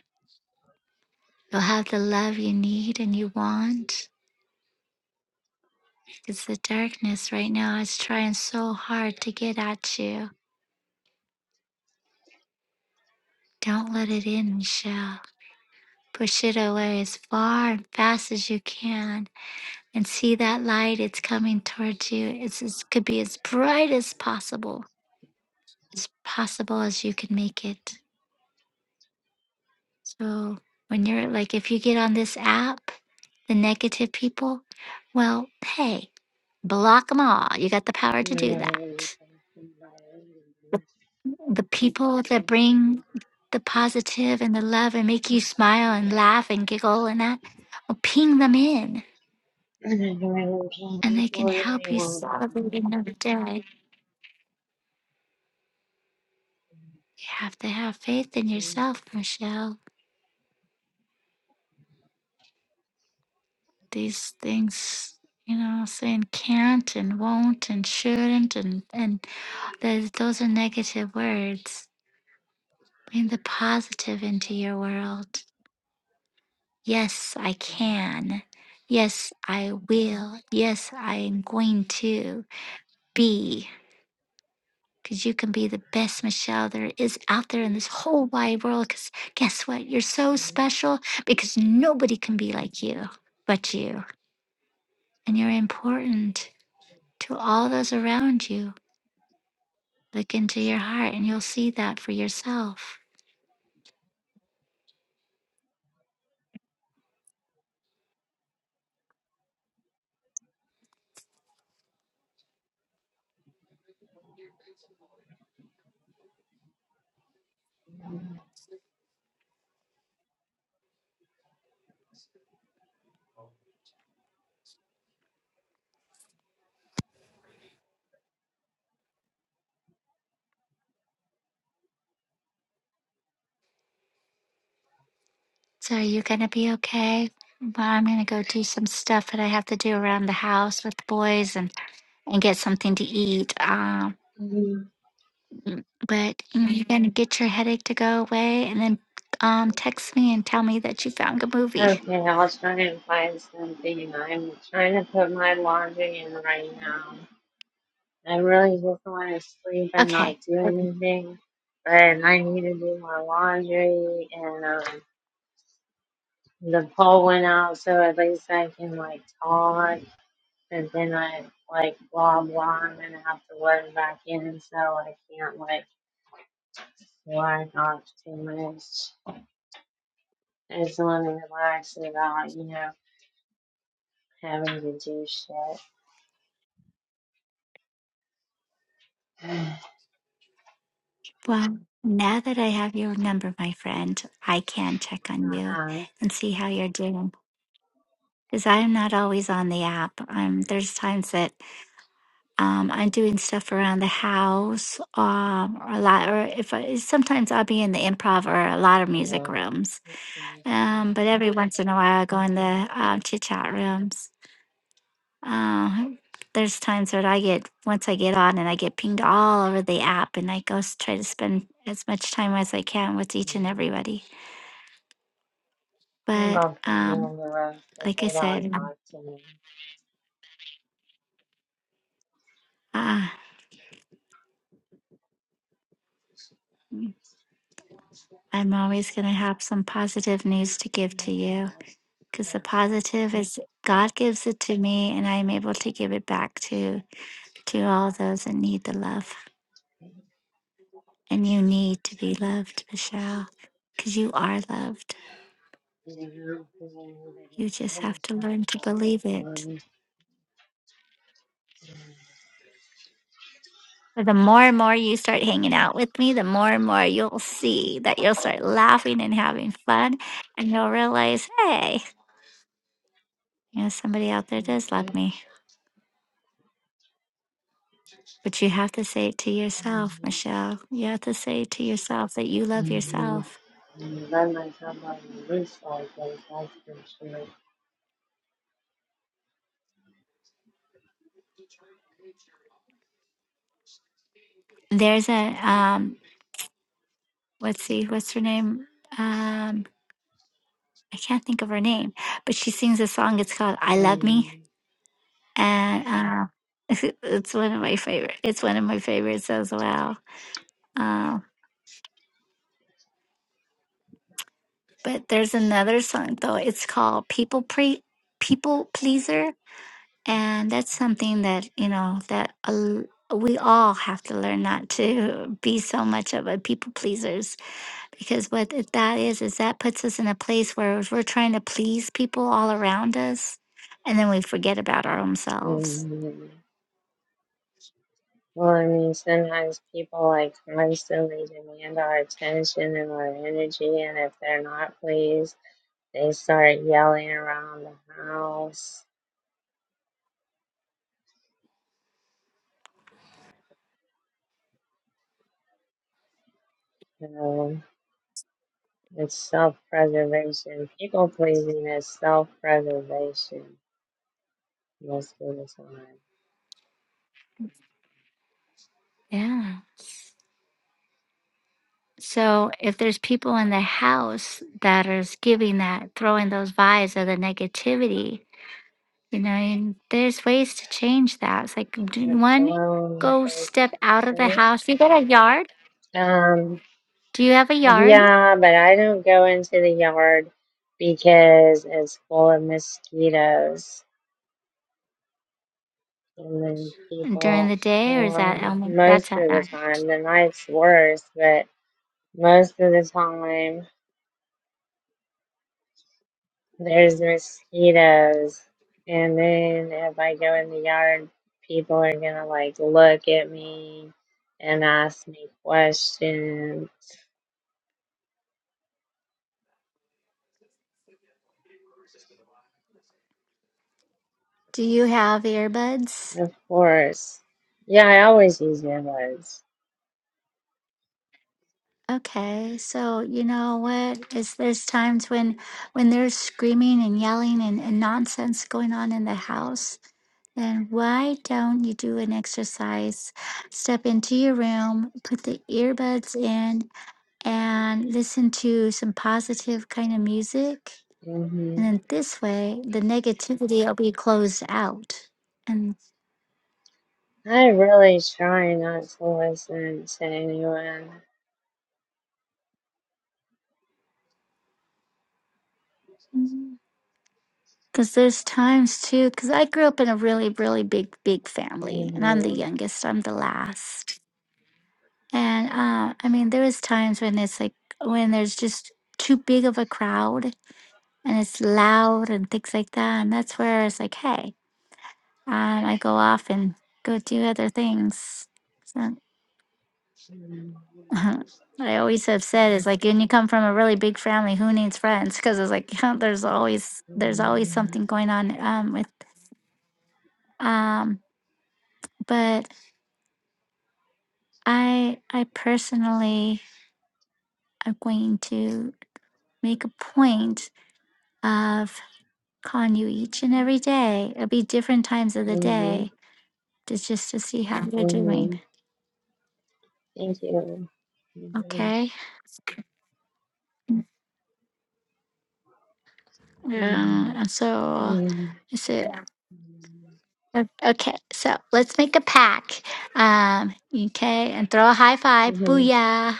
[SPEAKER 1] You'll have the love you need and you want. It's the darkness right now. It's trying so hard to get at you. Don't let it in, Michelle. Push it away as far and fast as you can and see that light. It's coming towards you. It's, it could be as bright as possible, as possible as you can make it. So, when you're like, if you get on this app, the negative people, well, hey, block them all. You got the power
[SPEAKER 2] And
[SPEAKER 1] to do that.
[SPEAKER 2] then
[SPEAKER 1] The people that bring the positive and the love and make you smile and laugh and giggle and that, well, ping them in
[SPEAKER 2] I
[SPEAKER 1] and they can
[SPEAKER 2] people and
[SPEAKER 1] help you
[SPEAKER 2] won't
[SPEAKER 1] celebrate another day. You have to have faith in yourself, Michelle. These things, you know, saying can't and won't and shouldn't and and those those are negative words. Bring the positive into your world. Yes, I can. Yes, I will. Yes, I am going to be. because you can be the best Michelle there is out there in this whole wide world. Because guess what? You're so special because nobody can be like you but you. And you're important to all those around you. Look into your heart and you'll see that for yourself. So, are you going to be okay? Well, I'm going to go do some stuff that I have to do around the house with the boys and, and get something to eat. Um.
[SPEAKER 2] come.
[SPEAKER 1] Mm, But you know, you're gonna get your headache to go away, and then um, text me and tell me that you found a movie.
[SPEAKER 2] Okay, I'll try and find something. I'm trying to put my laundry in right now. I really just want to sleep and not
[SPEAKER 1] Okay.
[SPEAKER 2] do anything, but I need to do my laundry and um, the poll went out, so at least I can like talk. but then I like blah blah, I'm gonna have to log back in, so I can't like log off too much. I just want to relax without you know having to do shit. uh
[SPEAKER 1] Well, now that I have your number, my friend, I can check on you
[SPEAKER 2] huh.
[SPEAKER 1] and see how you're doing. Because I'm not always on the app. Um, there's times that um, I'm doing stuff around the house, um, or a lot, or if I, sometimes I'll be in the improv or a lot of music
[SPEAKER 2] Yeah.
[SPEAKER 1] rooms.
[SPEAKER 2] It's nice to
[SPEAKER 1] Um,
[SPEAKER 2] know
[SPEAKER 1] but every once in a while, I go in the um, chit chat rooms. Uh, there's times that I get once I get on and I get pinged all over the app, and I go s- try to spend as much time as I can with each and
[SPEAKER 2] Mhm.
[SPEAKER 1] everybody. But
[SPEAKER 2] People put me
[SPEAKER 1] um,
[SPEAKER 2] in the rooms, but
[SPEAKER 1] like I
[SPEAKER 2] they don't
[SPEAKER 1] said,
[SPEAKER 2] talk to me.
[SPEAKER 1] uh, I'm always going to have some positive news to give
[SPEAKER 2] Yeah.
[SPEAKER 1] to you
[SPEAKER 2] That's
[SPEAKER 1] because the
[SPEAKER 2] cool.
[SPEAKER 1] positive is God gives it to me, and I'm able to give it back to to all those that need the love.
[SPEAKER 2] You
[SPEAKER 1] And you to loved, Michelle, because you are loved.
[SPEAKER 2] know, they need to
[SPEAKER 1] You
[SPEAKER 2] be
[SPEAKER 1] just have to
[SPEAKER 2] criticized
[SPEAKER 1] learn to
[SPEAKER 2] all the
[SPEAKER 1] believe it.
[SPEAKER 2] time.
[SPEAKER 1] But the more and more you start hanging out with me, the more and more you'll see that you'll start laughing and having fun. And you'll realize, hey, you know, somebody out there does love
[SPEAKER 2] Mhm.
[SPEAKER 1] me. But you have to say it to yourself,
[SPEAKER 2] Mhm.
[SPEAKER 1] Michelle. You have to say it to yourself that you love
[SPEAKER 2] Mhm.
[SPEAKER 1] yourself.
[SPEAKER 2] And run myself on the roof like those husbands do.
[SPEAKER 1] There's a, um, let's see, what's her name? Um, I can't think of her name, but she sings a song. It's called I Love Me.
[SPEAKER 2] Mm,
[SPEAKER 1] And uh, it's one of my favorite. It's one of my favorites as well. Um. But there's another song though. It's called "People Pre People Pleaser," and that's something that you know that a l- we all have to learn not to be so much of a people pleasers because what it- that is is that puts us in a place where we're trying to please people all around us, and then we forget about our own selves.
[SPEAKER 2] mm. Well, I mean, sometimes people like constantly demand our attention and our energy, and if they're not pleased, they start yelling around the house. You know, it's self preservation. People pleasing is self preservation most of the time.
[SPEAKER 1] Yeah. So if there's people in the house that is giving that, throwing those vibes of the negativity, You know, and there's ways to change that. It's like d- one,
[SPEAKER 2] Hello,
[SPEAKER 1] go
[SPEAKER 2] thank
[SPEAKER 1] step out of the
[SPEAKER 2] you.
[SPEAKER 1] house. You got a yard?
[SPEAKER 2] Um,
[SPEAKER 1] Do you have a yard
[SPEAKER 2] Yeah, but I don't go into the yard because it's full of mosquitoes. And then
[SPEAKER 1] during
[SPEAKER 2] people,
[SPEAKER 1] the day, or is that
[SPEAKER 2] well,
[SPEAKER 1] um,
[SPEAKER 2] most
[SPEAKER 1] that's at
[SPEAKER 2] of the
[SPEAKER 1] night?
[SPEAKER 2] time, the night's worse, but most of the time there's mosquitoes. And then if I go in the yard, people are gonna like look at me and ask me questions.
[SPEAKER 1] Do you have earbuds?
[SPEAKER 2] Of course. Yeah, I always use earbuds.
[SPEAKER 1] Okay, so you know what is there's times when when there's screaming and yelling and, and nonsense going on in the house then why don't you do an exercise? Step into your room, put the earbuds in, and listen to some positive kind of music.
[SPEAKER 2] Mm-hmm.
[SPEAKER 1] And then this way, the negativity will be closed out. And
[SPEAKER 2] I really try not to listen to anyone.
[SPEAKER 1] because there's times too, because I grew up in a really, really big, big family, and I'm the
[SPEAKER 2] hmm
[SPEAKER 1] youngest, I'm the last. And uh, I mean, there is times when it's like, when there's just too big of a crowd and it's loud and things like that. And that's where it's like, hey, um, I go off and go do other things. So Uh-huh. What I always have said is like when you come from a really big family, who needs friends? Because it's like there's always there's always
[SPEAKER 2] hmm
[SPEAKER 1] something going on um, with. Um, but I I personally am going to make a point of calling you each and every day. It'll be different times of the
[SPEAKER 2] hmm
[SPEAKER 1] day to just to see how you're
[SPEAKER 2] hmm
[SPEAKER 1] doing.
[SPEAKER 2] Thank you. hmm
[SPEAKER 1] Okay.
[SPEAKER 2] hmm
[SPEAKER 1] Um, and so
[SPEAKER 2] hmm
[SPEAKER 1] I said. O- Okay, so let's make a pack. Um, okay, and throw a high five. Booyah.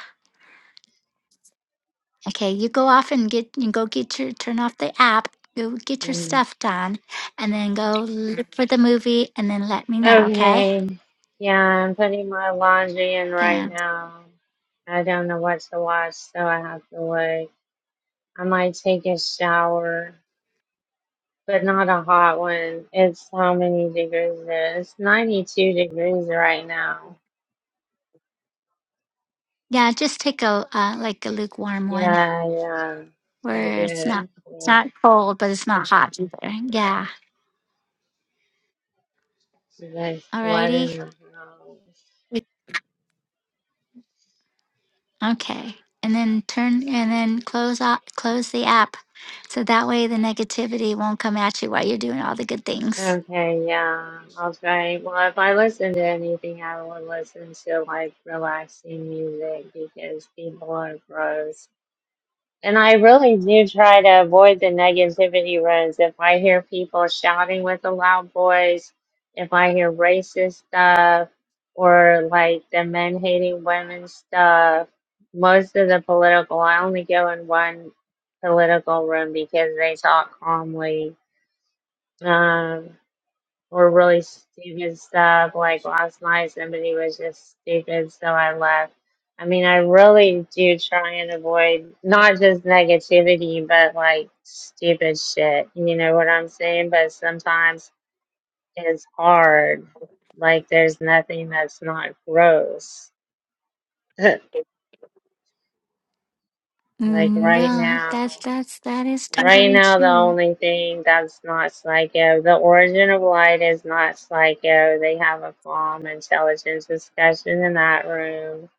[SPEAKER 1] Okay, you go off and get you go get your turn off the app. Go get your
[SPEAKER 2] hmm
[SPEAKER 1] stuff done, and then go look for the movie, and then let me know. Okay.
[SPEAKER 2] Okay. Yeah, I'm putting my laundry in right
[SPEAKER 1] Yeah.
[SPEAKER 2] now. I don't know what to watch, so I have to wait. I might take a shower, but not a hot one. It's how many degrees is it? It's 92 degrees right now.
[SPEAKER 1] Yeah. Just take a uh, like a lukewarm one
[SPEAKER 2] Yeah, yeah, I did.
[SPEAKER 1] where it's not it's
[SPEAKER 2] Yeah,
[SPEAKER 1] not cold, but it's not hot either. Yeah.
[SPEAKER 2] you guys
[SPEAKER 1] Alrighty.
[SPEAKER 2] sweating the house.
[SPEAKER 1] Okay. And then turn and then close off close the app So that way the negativity won't come at you while you're doing all the good things.
[SPEAKER 2] Okay, yeah, I'll try. Well, if I listen to anything, I will listen to like relaxing music because people are gross. And I really do try to avoid the negativity rooms. If I hear people shouting with a loud voice, if I hear racist stuff, or like the men hating women stuff, most of the political, I only go in one political room because they talk calmly. Um, were really stupid stuff. Like last night, somebody was just stupid, so I left. I mean, I really do try and avoid not just negativity, but like stupid shit. You know what I'm saying? But sometimes it's hard. Like, there's nothing that's not gross. like,
[SPEAKER 1] Mm,
[SPEAKER 2] right
[SPEAKER 1] well,
[SPEAKER 2] now.
[SPEAKER 1] that's that's that is
[SPEAKER 2] Right
[SPEAKER 1] totally
[SPEAKER 2] now, the
[SPEAKER 1] true.
[SPEAKER 2] only thing that's not Sligo, the origin of light is not Sligo. They have a calm, intelligent discussion in that room.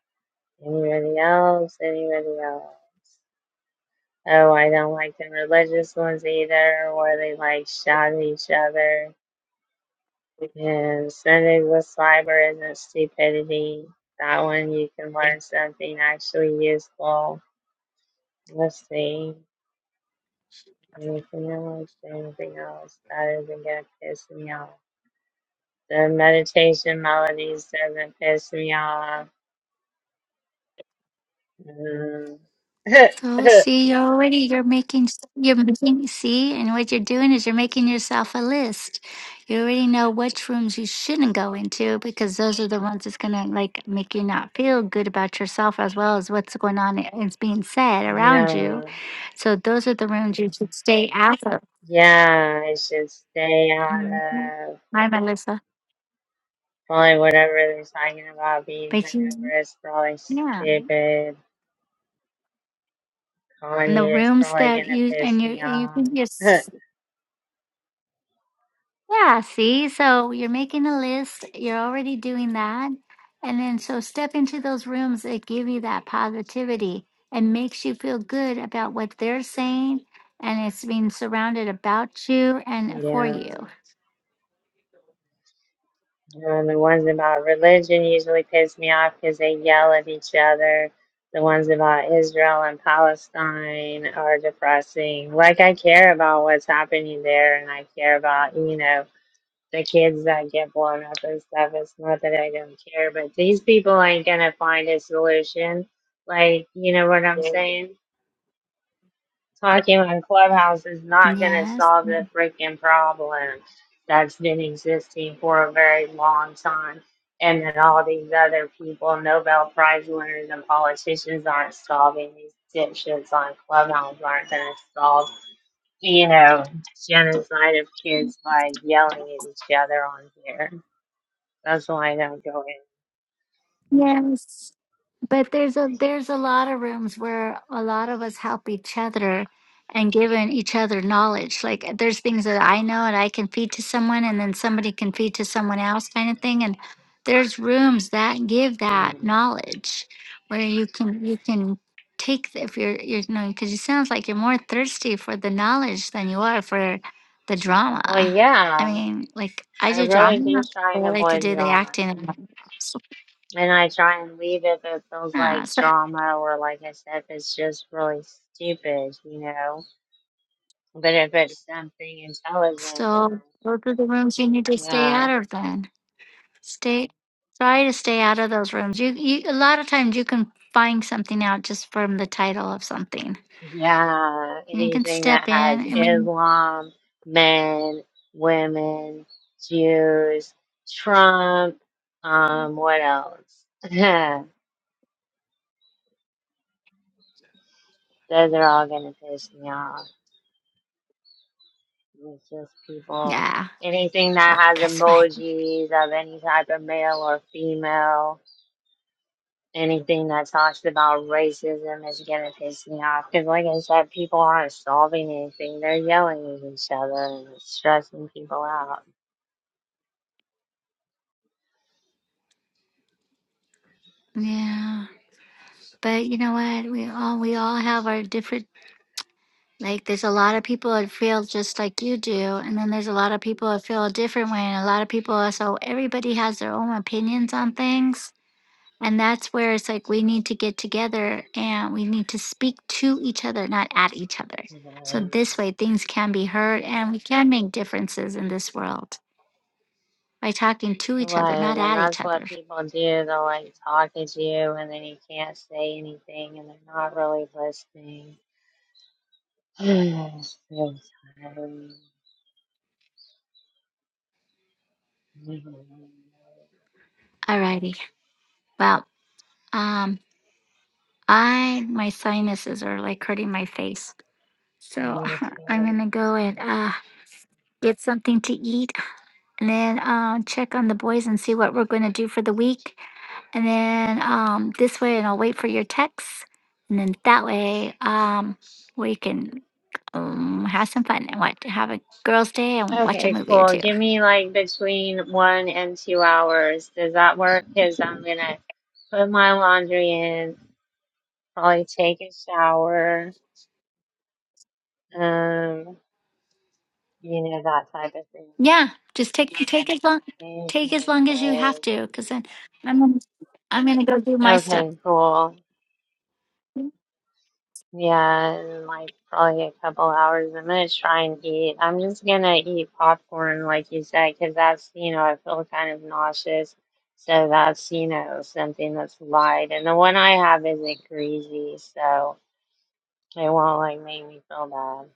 [SPEAKER 2] Anybody else? Anybody else? Oh, I don't like the religious ones either, where they like shout at each other. And Sundays with Sliber isn't stupidity. That one you can learn something actually useful. Let's see. Anything else? Anything else? That isn't gonna piss me off. The meditation melodies doesn't piss me off. Mm.
[SPEAKER 1] So see, you're already you're making you're making see, and what you're doing is you're making yourself a list. You already know which rooms you shouldn't go into because those are the ones that's gonna like make you not feel good about yourself as well as what's going on and is being said around you.
[SPEAKER 2] yeah,
[SPEAKER 1] So those are the rooms you should stay out of.
[SPEAKER 2] yeah, I should stay out
[SPEAKER 1] Mhm.
[SPEAKER 2] of
[SPEAKER 1] Hi, Melissa.
[SPEAKER 2] probably whatever they're talking about being
[SPEAKER 1] But you,
[SPEAKER 2] hungover is probably
[SPEAKER 1] yeah.
[SPEAKER 2] stupid.
[SPEAKER 1] and the
[SPEAKER 2] Kanye is
[SPEAKER 1] rooms
[SPEAKER 2] probably
[SPEAKER 1] that
[SPEAKER 2] gonna
[SPEAKER 1] you
[SPEAKER 2] piss
[SPEAKER 1] and you
[SPEAKER 2] me
[SPEAKER 1] and you
[SPEAKER 2] off.
[SPEAKER 1] can just yeah see so you're making a list you're already doing that and then so step into those rooms that give you that positivity and makes you feel good about what they're saying and it's being surrounded about you and for
[SPEAKER 2] yeah.
[SPEAKER 1] you
[SPEAKER 2] Um, the ones about religion usually piss me off because they yell at each other. The ones about Israel and Palestine are depressing. Like, I care about what's happening there and I care about, you know, the kids that get blown up and stuff. It's not that I don't care, but these people ain't going to find a solution. Like, you know what I'm saying? talking on Clubhouse is not going to solve the freaking problem that's been existing for a very long time. And then all these other people, Nobel Prize winners and politicians aren't solving these dipshits on Clubhouse aren't going to solve, you know, genocide of kids by yelling at each other on here. That's why I don't go
[SPEAKER 1] yes But there's a there's a lot of rooms where a lot of us help each other and giving each other knowledge. Like there's things that I know and I can feed to someone and then somebody can feed to someone else kind of thing. And there's rooms that give
[SPEAKER 2] in.
[SPEAKER 1] that
[SPEAKER 2] Mm.
[SPEAKER 1] knowledge where you can you can take the- if you're you're you know because it sounds like you're more thirsty for the knowledge than you are for the
[SPEAKER 2] Well,
[SPEAKER 1] drama. I
[SPEAKER 2] yeah,
[SPEAKER 1] mean, like I
[SPEAKER 2] I
[SPEAKER 1] do
[SPEAKER 2] really
[SPEAKER 1] drama.
[SPEAKER 2] do try
[SPEAKER 1] I
[SPEAKER 2] and
[SPEAKER 1] like to
[SPEAKER 2] avoid
[SPEAKER 1] do the
[SPEAKER 2] drama.
[SPEAKER 1] acting. and- all that. So,
[SPEAKER 2] And I try and leave if it feels
[SPEAKER 1] Yeah,
[SPEAKER 2] like
[SPEAKER 1] so
[SPEAKER 2] drama or like I said, if it's just really stupid, you know. But if it's something intelligent,
[SPEAKER 1] So
[SPEAKER 2] then
[SPEAKER 1] those are the rooms you need to stay
[SPEAKER 2] I, yeah,
[SPEAKER 1] out of then. Stay try to stay out of those rooms. You, you a lot of times you can find something out just from the title of something.
[SPEAKER 2] yeah,
[SPEAKER 1] You can
[SPEAKER 2] anything
[SPEAKER 1] step
[SPEAKER 2] that
[SPEAKER 1] in.
[SPEAKER 2] has
[SPEAKER 1] I mean
[SPEAKER 2] Islam, men, women, Jews, Trump, um, what else? Those are all gonna piss me off. It's just people.
[SPEAKER 1] yeah.
[SPEAKER 2] Anything that
[SPEAKER 1] But
[SPEAKER 2] has
[SPEAKER 1] guess what?
[SPEAKER 2] emojis of any type of male or female anything that talks about racism is gonna piss me off. Cause like I said, people aren't solving anything; they're yelling at each other and it's stressing people out.
[SPEAKER 1] Yeah. But you know what? We all we all have our different like there's a lot of people that feel just like you do and then there's a lot of people that feel a different way and a lot of people so everybody has their own opinions on things And that's where it's like we need to get together and we need to speak to each other, not at each other. So
[SPEAKER 2] Um,
[SPEAKER 1] this way things can be heard and we can make differences in this world by talking to each other, not
[SPEAKER 2] Right, and
[SPEAKER 1] at each
[SPEAKER 2] that's
[SPEAKER 1] other.
[SPEAKER 2] what people do. They'll like talk at you, and then you can't say anything, and they're not really listening. It's so tired.
[SPEAKER 1] Alrighty. Well, um, I my sinuses are like hurting my face, so
[SPEAKER 2] Me
[SPEAKER 1] I'm
[SPEAKER 2] too.
[SPEAKER 1] gonna go and uh, get something to eat, and then uh, check on the boys and see what we're gonna do for the week. And then um, this way, and I'll wait for your texts. And then that way, um, we can um, have some fun and watch, have a girls' day and watch a
[SPEAKER 2] Okay,
[SPEAKER 1] movie or
[SPEAKER 2] cool.
[SPEAKER 1] two.
[SPEAKER 2] Give me like between one and two hours. Does that work? Because I'm gonna put my laundry in, probably take a shower, um, you know, that type of thing.
[SPEAKER 1] Yeah, just take take as long
[SPEAKER 2] Change
[SPEAKER 1] take as
[SPEAKER 2] my
[SPEAKER 1] long as you have
[SPEAKER 2] clothes.
[SPEAKER 1] to, because then I'm gonna- I'm gonna go do my stuff.
[SPEAKER 2] Okay, cool. Yeah, in like probably a couple hours. I'm gonna try and eat. I'm just gonna eat popcorn, like you said, because that's, you know, I feel kind of nauseous. So that's, you know, something that's light. And the one I have isn't greasy, so it won't like make me feel bad.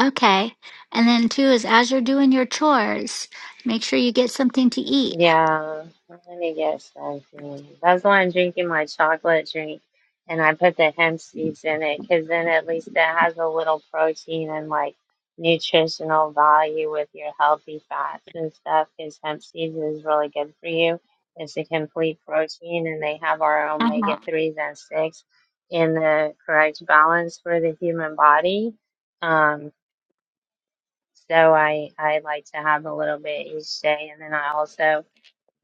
[SPEAKER 1] Okay, and then two is as you're doing your chores, make sure you get something to eat.
[SPEAKER 2] Yeah, I'm gonna get something. That's why I'm drinking my chocolate drink, and I put the hemp seeds in it because then at least it has a little protein and like nutritional value with your healthy fats and stuff. Because hemp seeds is really good for you. It's a complete protein, and they have our
[SPEAKER 1] Uh-huh.
[SPEAKER 2] omega threes and six in the correct balance for the human body. Um, so I I like to have a little bit each day, and then I also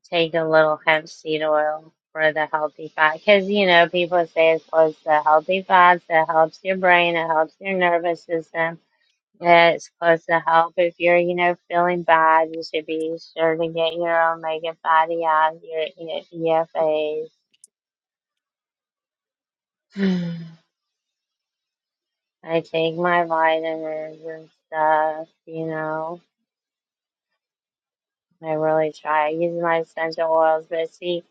[SPEAKER 2] take a little hemp seed oil for the healthy fat because you know people say it's close to healthy fats it helps your brain it helps your nervous system it's supposed to help if you're you know feeling bad you should be sure to get your omega fatty acids your E- efas i take my vitamins and stuff you know i really try i use my essential oils but see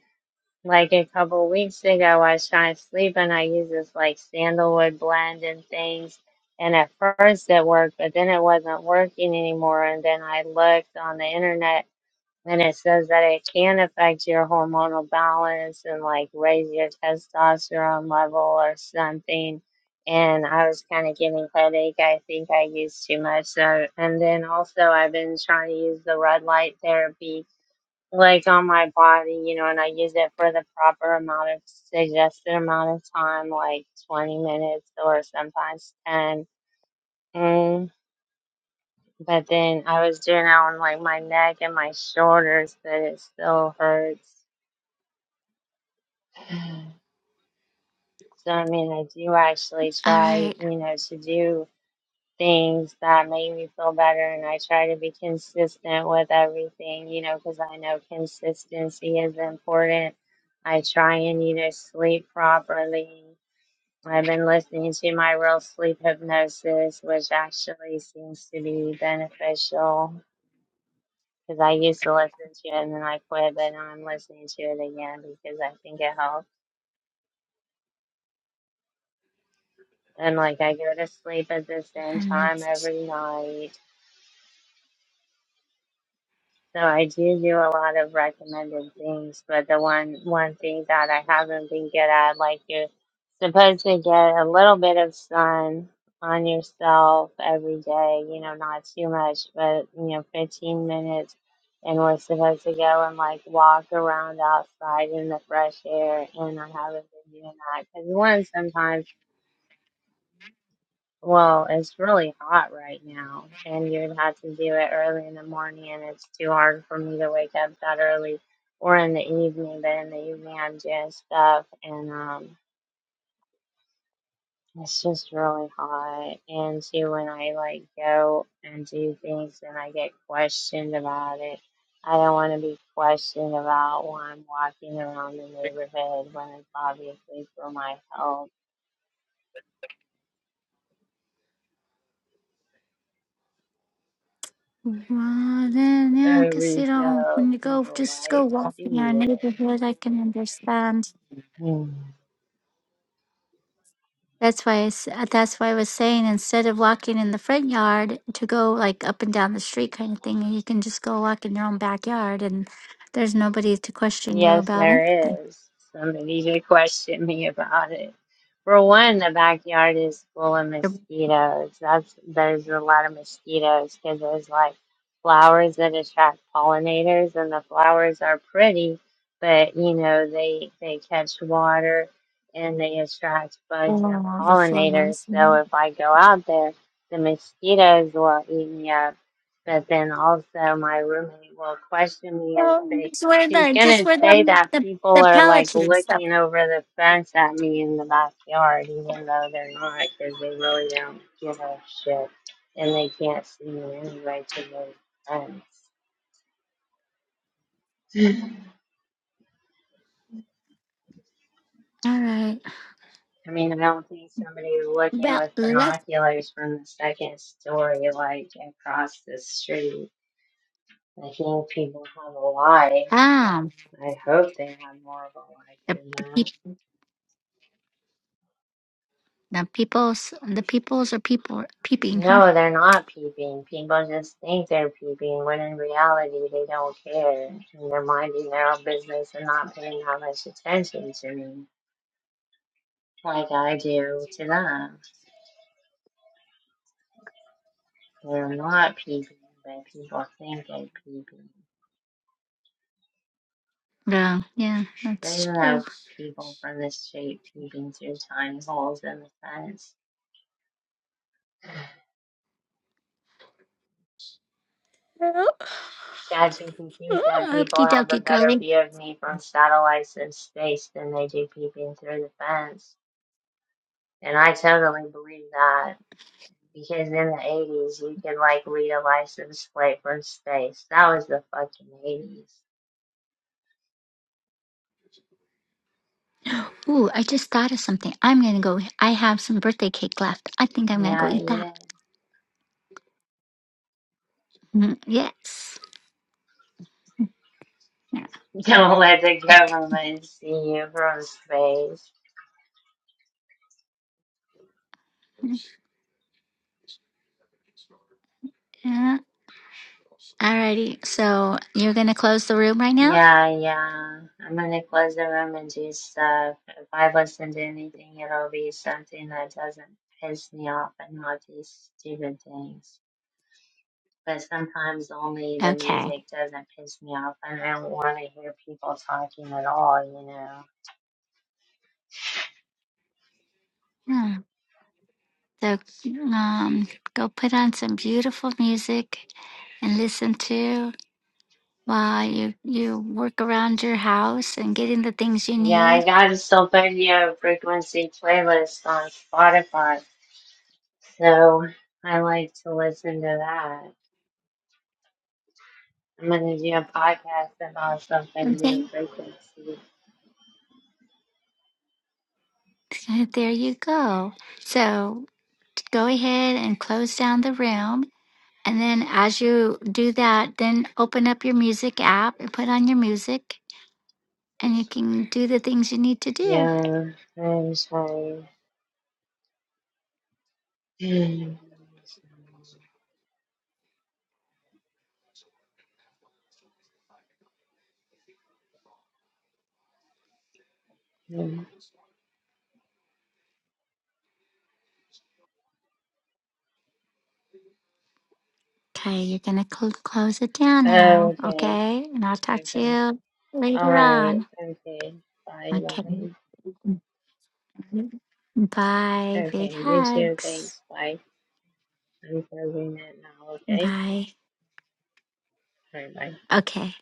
[SPEAKER 2] Like a couple weeks ago, I was trying to sleep and I used this like sandalwood blend and things. And at first it worked, but then it wasn't working anymore. And then I looked on the internet and it says that it can affect your hormonal balance and like raise your testosterone level or something. And I was kind of getting headache. I think I used too much. So, and then also I've been trying to use the red light therapy like on my body, you know, and I use it for the proper amount of suggested amount of time, like 20 minutes or sometimes 10. Mm. But then I was doing it on like my neck and my shoulders, but it still hurts. So I mean, I do actually
[SPEAKER 1] All
[SPEAKER 2] try,
[SPEAKER 1] right.
[SPEAKER 2] you know, to do. things that make me feel better and I try to be consistent with everything, you know, because I know consistency is important. I try and, you know, sleep properly. I've been listening to my real sleep hypnosis, which actually seems to be beneficial because I used to listen to it and then I quit, but now I'm listening to it again because I think it helps. And like I go to sleep at the same time every night So I do do a lot of recommended things, but the one one thing that I haven't been good at, like you're supposed to get a little bit of sun on yourself every day, you know, not too much, but you know, 15 minutes, and we're supposed to go and like walk around outside in the fresh air, and I haven't been doing that because one, sometimes. Well, it's really hot right now, and you'd have to do it early in the morning, and it's too hard for me to wake up that early or in the evening. But in the evening, I'm doing stuff, and um, it's just really hot. And too, when I like go and do things and I get questioned about it, I don't want to be questioned about why I'm walking around the neighborhood when it's obviously for my health.
[SPEAKER 1] Well, then, yeah,
[SPEAKER 2] There
[SPEAKER 1] because,
[SPEAKER 2] is
[SPEAKER 1] you know,
[SPEAKER 2] no
[SPEAKER 1] when you go,
[SPEAKER 2] people
[SPEAKER 1] just go
[SPEAKER 2] right
[SPEAKER 1] walk
[SPEAKER 2] to
[SPEAKER 1] in our
[SPEAKER 2] you.
[SPEAKER 1] neighborhood, I can understand.
[SPEAKER 2] Hmm.
[SPEAKER 1] That's why I, s- uh, that's why I was saying instead of walking in the front yard to go like up and down the street kind of thing, you can just go walk in your own backyard and there's nobody to question you
[SPEAKER 2] Yes,
[SPEAKER 1] about anything.
[SPEAKER 2] there is. Somebody should question me about it. For one, the backyard is full of
[SPEAKER 1] Yep.
[SPEAKER 2] mosquitoes. That's there's a lot of mosquitoes because there's like flowers that attract pollinators, and the flowers are pretty, but you know they they catch water and they attract bugs and
[SPEAKER 1] Oh, the
[SPEAKER 2] pollinators.
[SPEAKER 1] flowers.
[SPEAKER 2] So
[SPEAKER 1] no.
[SPEAKER 2] if I go out there, the mosquitoes will eat me up. But then also my roommate will question me and
[SPEAKER 1] Oh,
[SPEAKER 2] say
[SPEAKER 1] just wear
[SPEAKER 2] She's
[SPEAKER 1] the just
[SPEAKER 2] gonna
[SPEAKER 1] wear
[SPEAKER 2] say
[SPEAKER 1] the
[SPEAKER 2] that
[SPEAKER 1] the,
[SPEAKER 2] people
[SPEAKER 1] the
[SPEAKER 2] are like
[SPEAKER 1] Peloton stuff.
[SPEAKER 2] looking over the fence at me in the backyard, even though they're not, because they really don't give a shit and they can't see me anyway to the fence.
[SPEAKER 1] All right.
[SPEAKER 2] I mean, I don't think somebody looking
[SPEAKER 1] Well,
[SPEAKER 2] with
[SPEAKER 1] let's
[SPEAKER 2] binoculars from the second story, like across the street. I think people have a life.
[SPEAKER 1] Ah,
[SPEAKER 2] I hope they have more of a life
[SPEAKER 1] the
[SPEAKER 2] than
[SPEAKER 1] the,
[SPEAKER 2] that.
[SPEAKER 1] peep, the peoples, the peoples are people peeping, huh?
[SPEAKER 2] No, they're not peeping. People just think they're peeping when in reality they don't care and they're minding their own business and not paying that much attention to me like I do to them. They're not peeping, but people think they're peeping.
[SPEAKER 1] Yeah. yeah,
[SPEAKER 2] There's
[SPEAKER 1] that's true.
[SPEAKER 2] no people from the street peeping through tiny holes in the fence. ChatGPT said people have a better view of me from satellites in space than they do peeping through the fence. And I totally believe that. Because in the 80s, you could like read a license plate from space. That was the fucking 80s.
[SPEAKER 1] Ooh, I just thought of something. I'm gonna go. I have some birthday cake left. I think I'm gonna go
[SPEAKER 2] Yeah,
[SPEAKER 1] eat that.
[SPEAKER 2] yeah.
[SPEAKER 1] Mm, Yes. Yeah.
[SPEAKER 2] Don't let the government see you from space.
[SPEAKER 1] Yeah. Alrighty. So you're gonna close the room right now?
[SPEAKER 2] Yeah, yeah. I'm gonna close the room and do stuff. If I listen to anything, it'll be something that doesn't piss me off and not these stupid things. But sometimes only the
[SPEAKER 1] Okay.
[SPEAKER 2] music doesn't piss me off, and I don't want to hear people talking at all, you know.
[SPEAKER 1] Yeah. So um, go put on some beautiful music and listen to while you you work around your house and getting the things you
[SPEAKER 2] Yeah, I
[SPEAKER 1] need.
[SPEAKER 2] got a Sylvania frequency playlist on Spotify, so I like to listen to that. I'm gonna do a podcast about Sylvania
[SPEAKER 1] Okay.
[SPEAKER 2] frequency.
[SPEAKER 1] There you go. So go ahead and close down the room. And then as you do that, then open up your music app and put on your music and you can do the things you need to do.
[SPEAKER 2] Yeah, I'm sorry.
[SPEAKER 1] Okay, you're going to cl- close it down now,
[SPEAKER 2] okay,
[SPEAKER 1] okay? And I'll talk to
[SPEAKER 2] okay.
[SPEAKER 1] you
[SPEAKER 2] All
[SPEAKER 1] later
[SPEAKER 2] right,
[SPEAKER 1] on.
[SPEAKER 2] okay. Bye,
[SPEAKER 1] Okay.
[SPEAKER 2] bye.
[SPEAKER 1] Bye.
[SPEAKER 2] Okay,
[SPEAKER 1] Big
[SPEAKER 2] you too.
[SPEAKER 1] hugs.
[SPEAKER 2] Thanks. Bye. I'm closing it now, okay?
[SPEAKER 1] Bye.
[SPEAKER 2] All right, bye.
[SPEAKER 1] Okay.